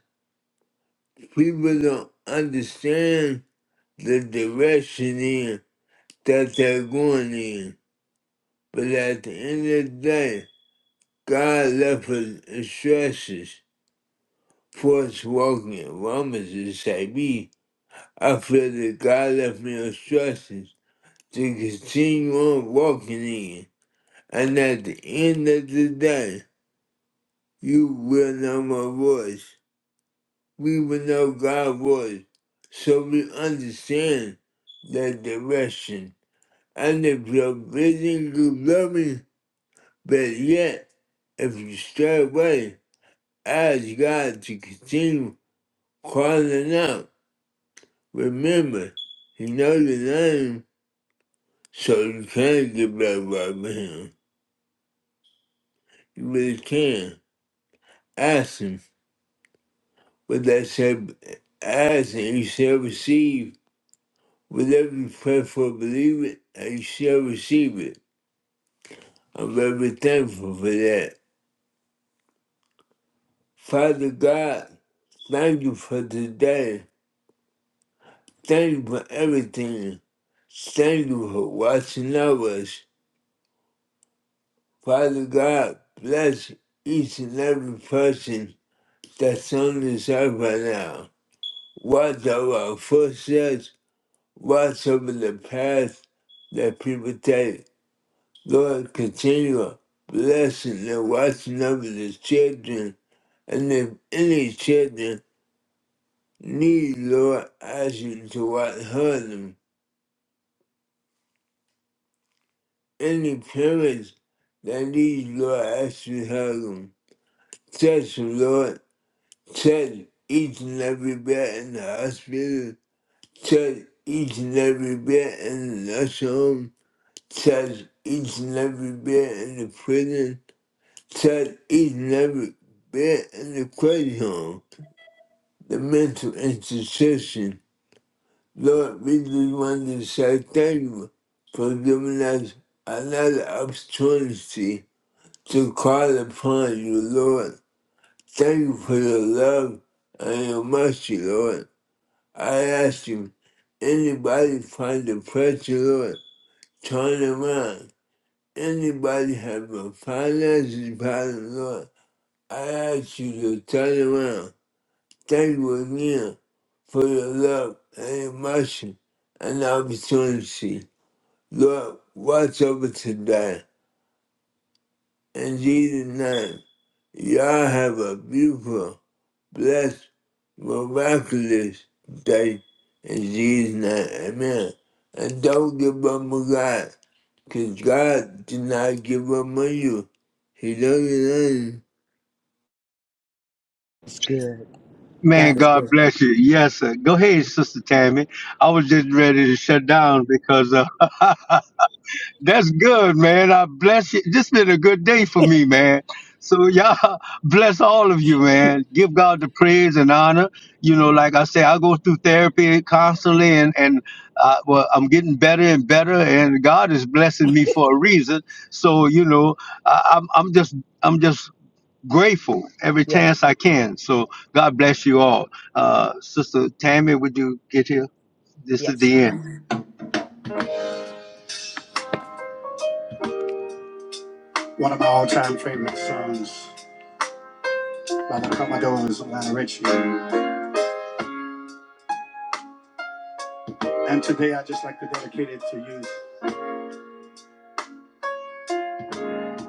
Speaker 3: people don't understand the direction in that they're going in. But at the end of the day, God left us instructions. Forced walking Romans inside me. I feel that God left me instructions to continue on walking in. And at the end of the day, you will know my voice. We will know God's voice. So we understand the direction. And if your vision is blurry, but yet, if you stay away, ask God to continue calling out. Remember, you know your name, so you can not get back right with him. You really can. Ask him. But that said, ask and you shall receive. Whatever you pray for, believe it, and you shall receive it. I'm very thankful for that. Father God, thank you for today. Thank you for everything. Thank you for watching over us. Father God, bless each and every person that's on the shelf right now. Watch over our footsteps, watch over the path that people take. Lord, continue blessing and watching over the children. And if any children need, Lord, ask you to watch hug them. Any parents that need, Lord, ask you to hug them. Touch them, Lord. Touch each and every bed in the hospital says each and every bit in the nursing home, says each and every bit in the prison, says each and every bit in the crazy home, the mental institution. Lord, we just want to say thank you for giving us another opportunity to call upon you, Lord. Thank you for your love and your mercy, Lord. I ask you, anybody find depression, Lord? turn around. Anybody have a financial problem, Lord, I ask you to turn around. Thank you again for your love and your mercy and opportunity. Lord, watch over today. In Jesus' name, y'all have a beautiful, blessed, miraculous day. In Jesus' name, amen. And don't give up on God. Because God did not give up on you. He loves you.
Speaker 1: Man,
Speaker 2: God is
Speaker 1: God
Speaker 2: good.
Speaker 1: bless you. Yes, sir. Go ahead, Sister Tammy. I was just ready to shut down because uh, That's good, man. I bless you. This been a good day for me, man. So y'all bless all of you, man. Give God the praise and honor. You know, like I say, I go through therapy constantly, and and uh, well, I'm getting better and better, and God is blessing me for a reason. So you know, I, I'm I'm just I'm just grateful every
Speaker 2: Yes,
Speaker 1: chance I can. So God bless you all. Uh, Sister Tammy, would you get here? This is
Speaker 2: yes.
Speaker 1: the end.
Speaker 2: One of my all-time favorite songs by the Commodores, Lionel Richie. And today I just like to dedicate it to you.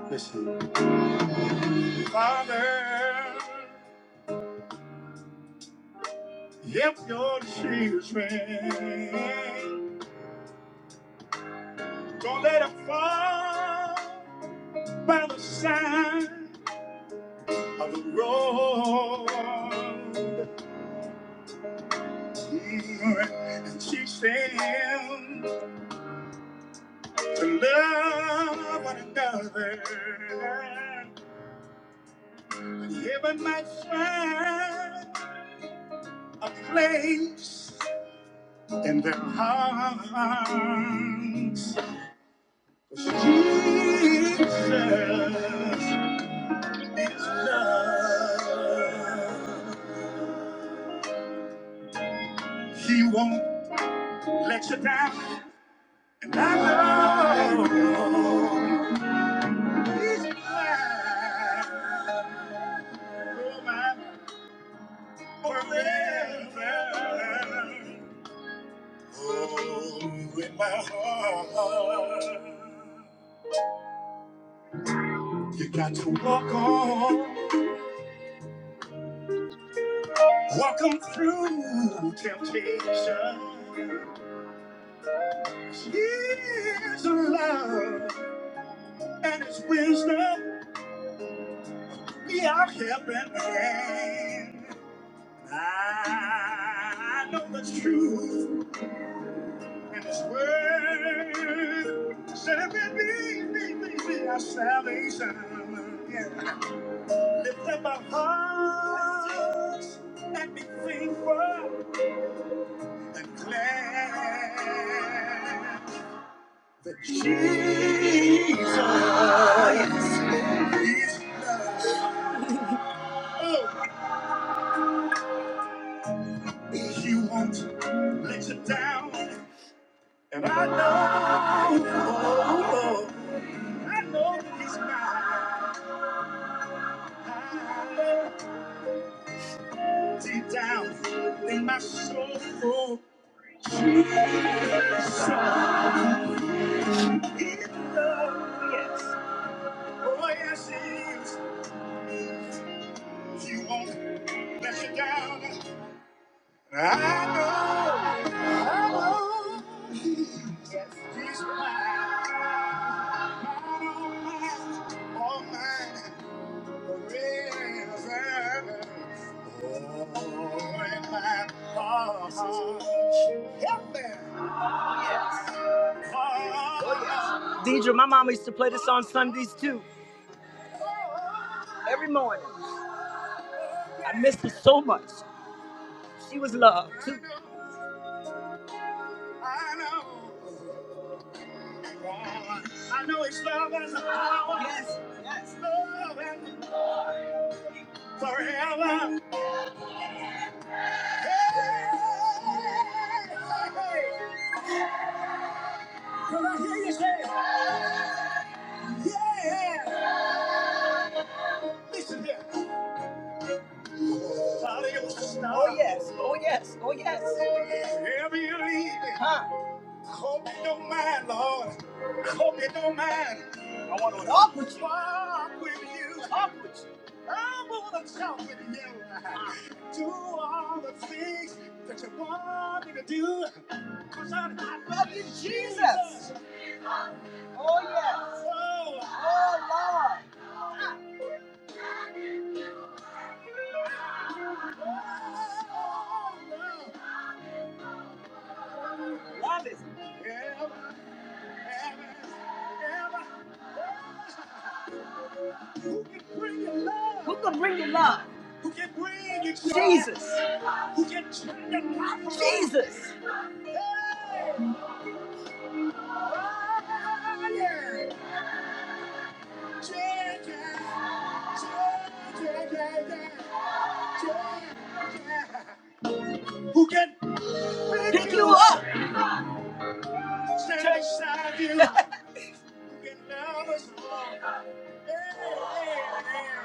Speaker 2: Listen. Father. Lift your children. Don't let them fall by the side of the road. Mm, And teach them to love one another. That Heaven might find a place in their hearts. Jesus He won't let you down. I love his plan. Oh, my forever. Oh, in my heart. You got to walk on. walk Walk 'em through temptation. His love and his wisdom. I In His word, said it may be, be, be, be our salvation. Yeah. Lift our hearts and be thankful and glad that Jesus is. He won't let you down, and I know, oh, oh, I know that He's mine. I know deep down in my soul. Jesus is love. Yes. Oh, yes, he is. He won't let you down. I know, I know, he's mine, all mine, forever. Oh, in my arms. Help me. Oh, yes. Deidre, my mama used to play this on Sundays too, every morning. I miss her so much. She was loved too. I know. I know it's love as a power. Yes, yes. Love and Forever. Can I hear you say, yeah? Listen here. Oh, yes. Oh, yes. Oh, yes. Wherever you lead me. I Hope you don't mind, Lord. I Hope you don't mind. I want to walk with you. walk with you. Walk with you. I want to talk with you. Do all the things that you want me to do. Cause I, I love you, Jesus. Oh, yes. Oh, oh, love. Oh, love Love is. Yeah. Who can bring you love? Who can bring you love? Who can bring you joy? Jesus. Who can turn your life around? Jesus. Hey, yeah. Yeah, yeah, yeah, yeah, yeah, yeah, yeah. Who can pick, pick you up? Stand beside you. Who can love us all? Hey, hey,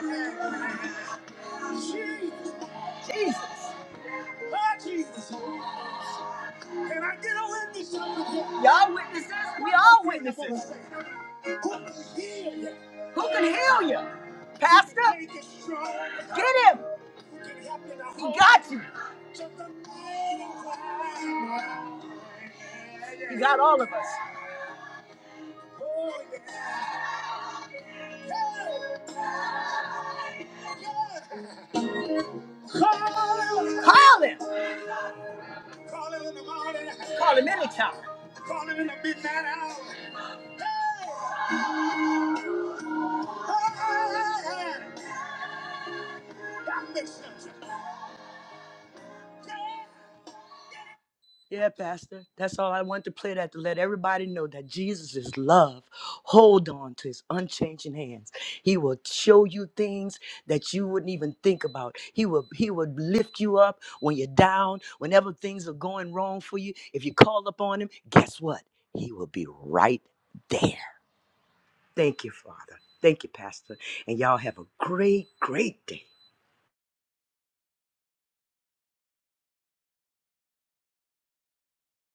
Speaker 2: hey, hey, hey. Jesus. Jesus. Ah, Jesus. Can I get a witness? Y'all witnesses? We all witnesses. Who can heal you? Who can heal you? Pastor? Get him. He got you. He got all of us. Oh, yeah. Hey. Yeah. Call him. Call him in the morning. Call him anytime. Call him in the midnight hour. Yeah, Pastor. That's all I want to play that to let everybody know that Jesus is love. Hold on to his unchanging hands. He will show you things that you wouldn't even think about. He will he will lift you up when you're down, whenever things are going wrong for you. If you call upon him, guess what? He will be right there. Thank you, Father. Thank you, Pastor. And y'all have a great, great day.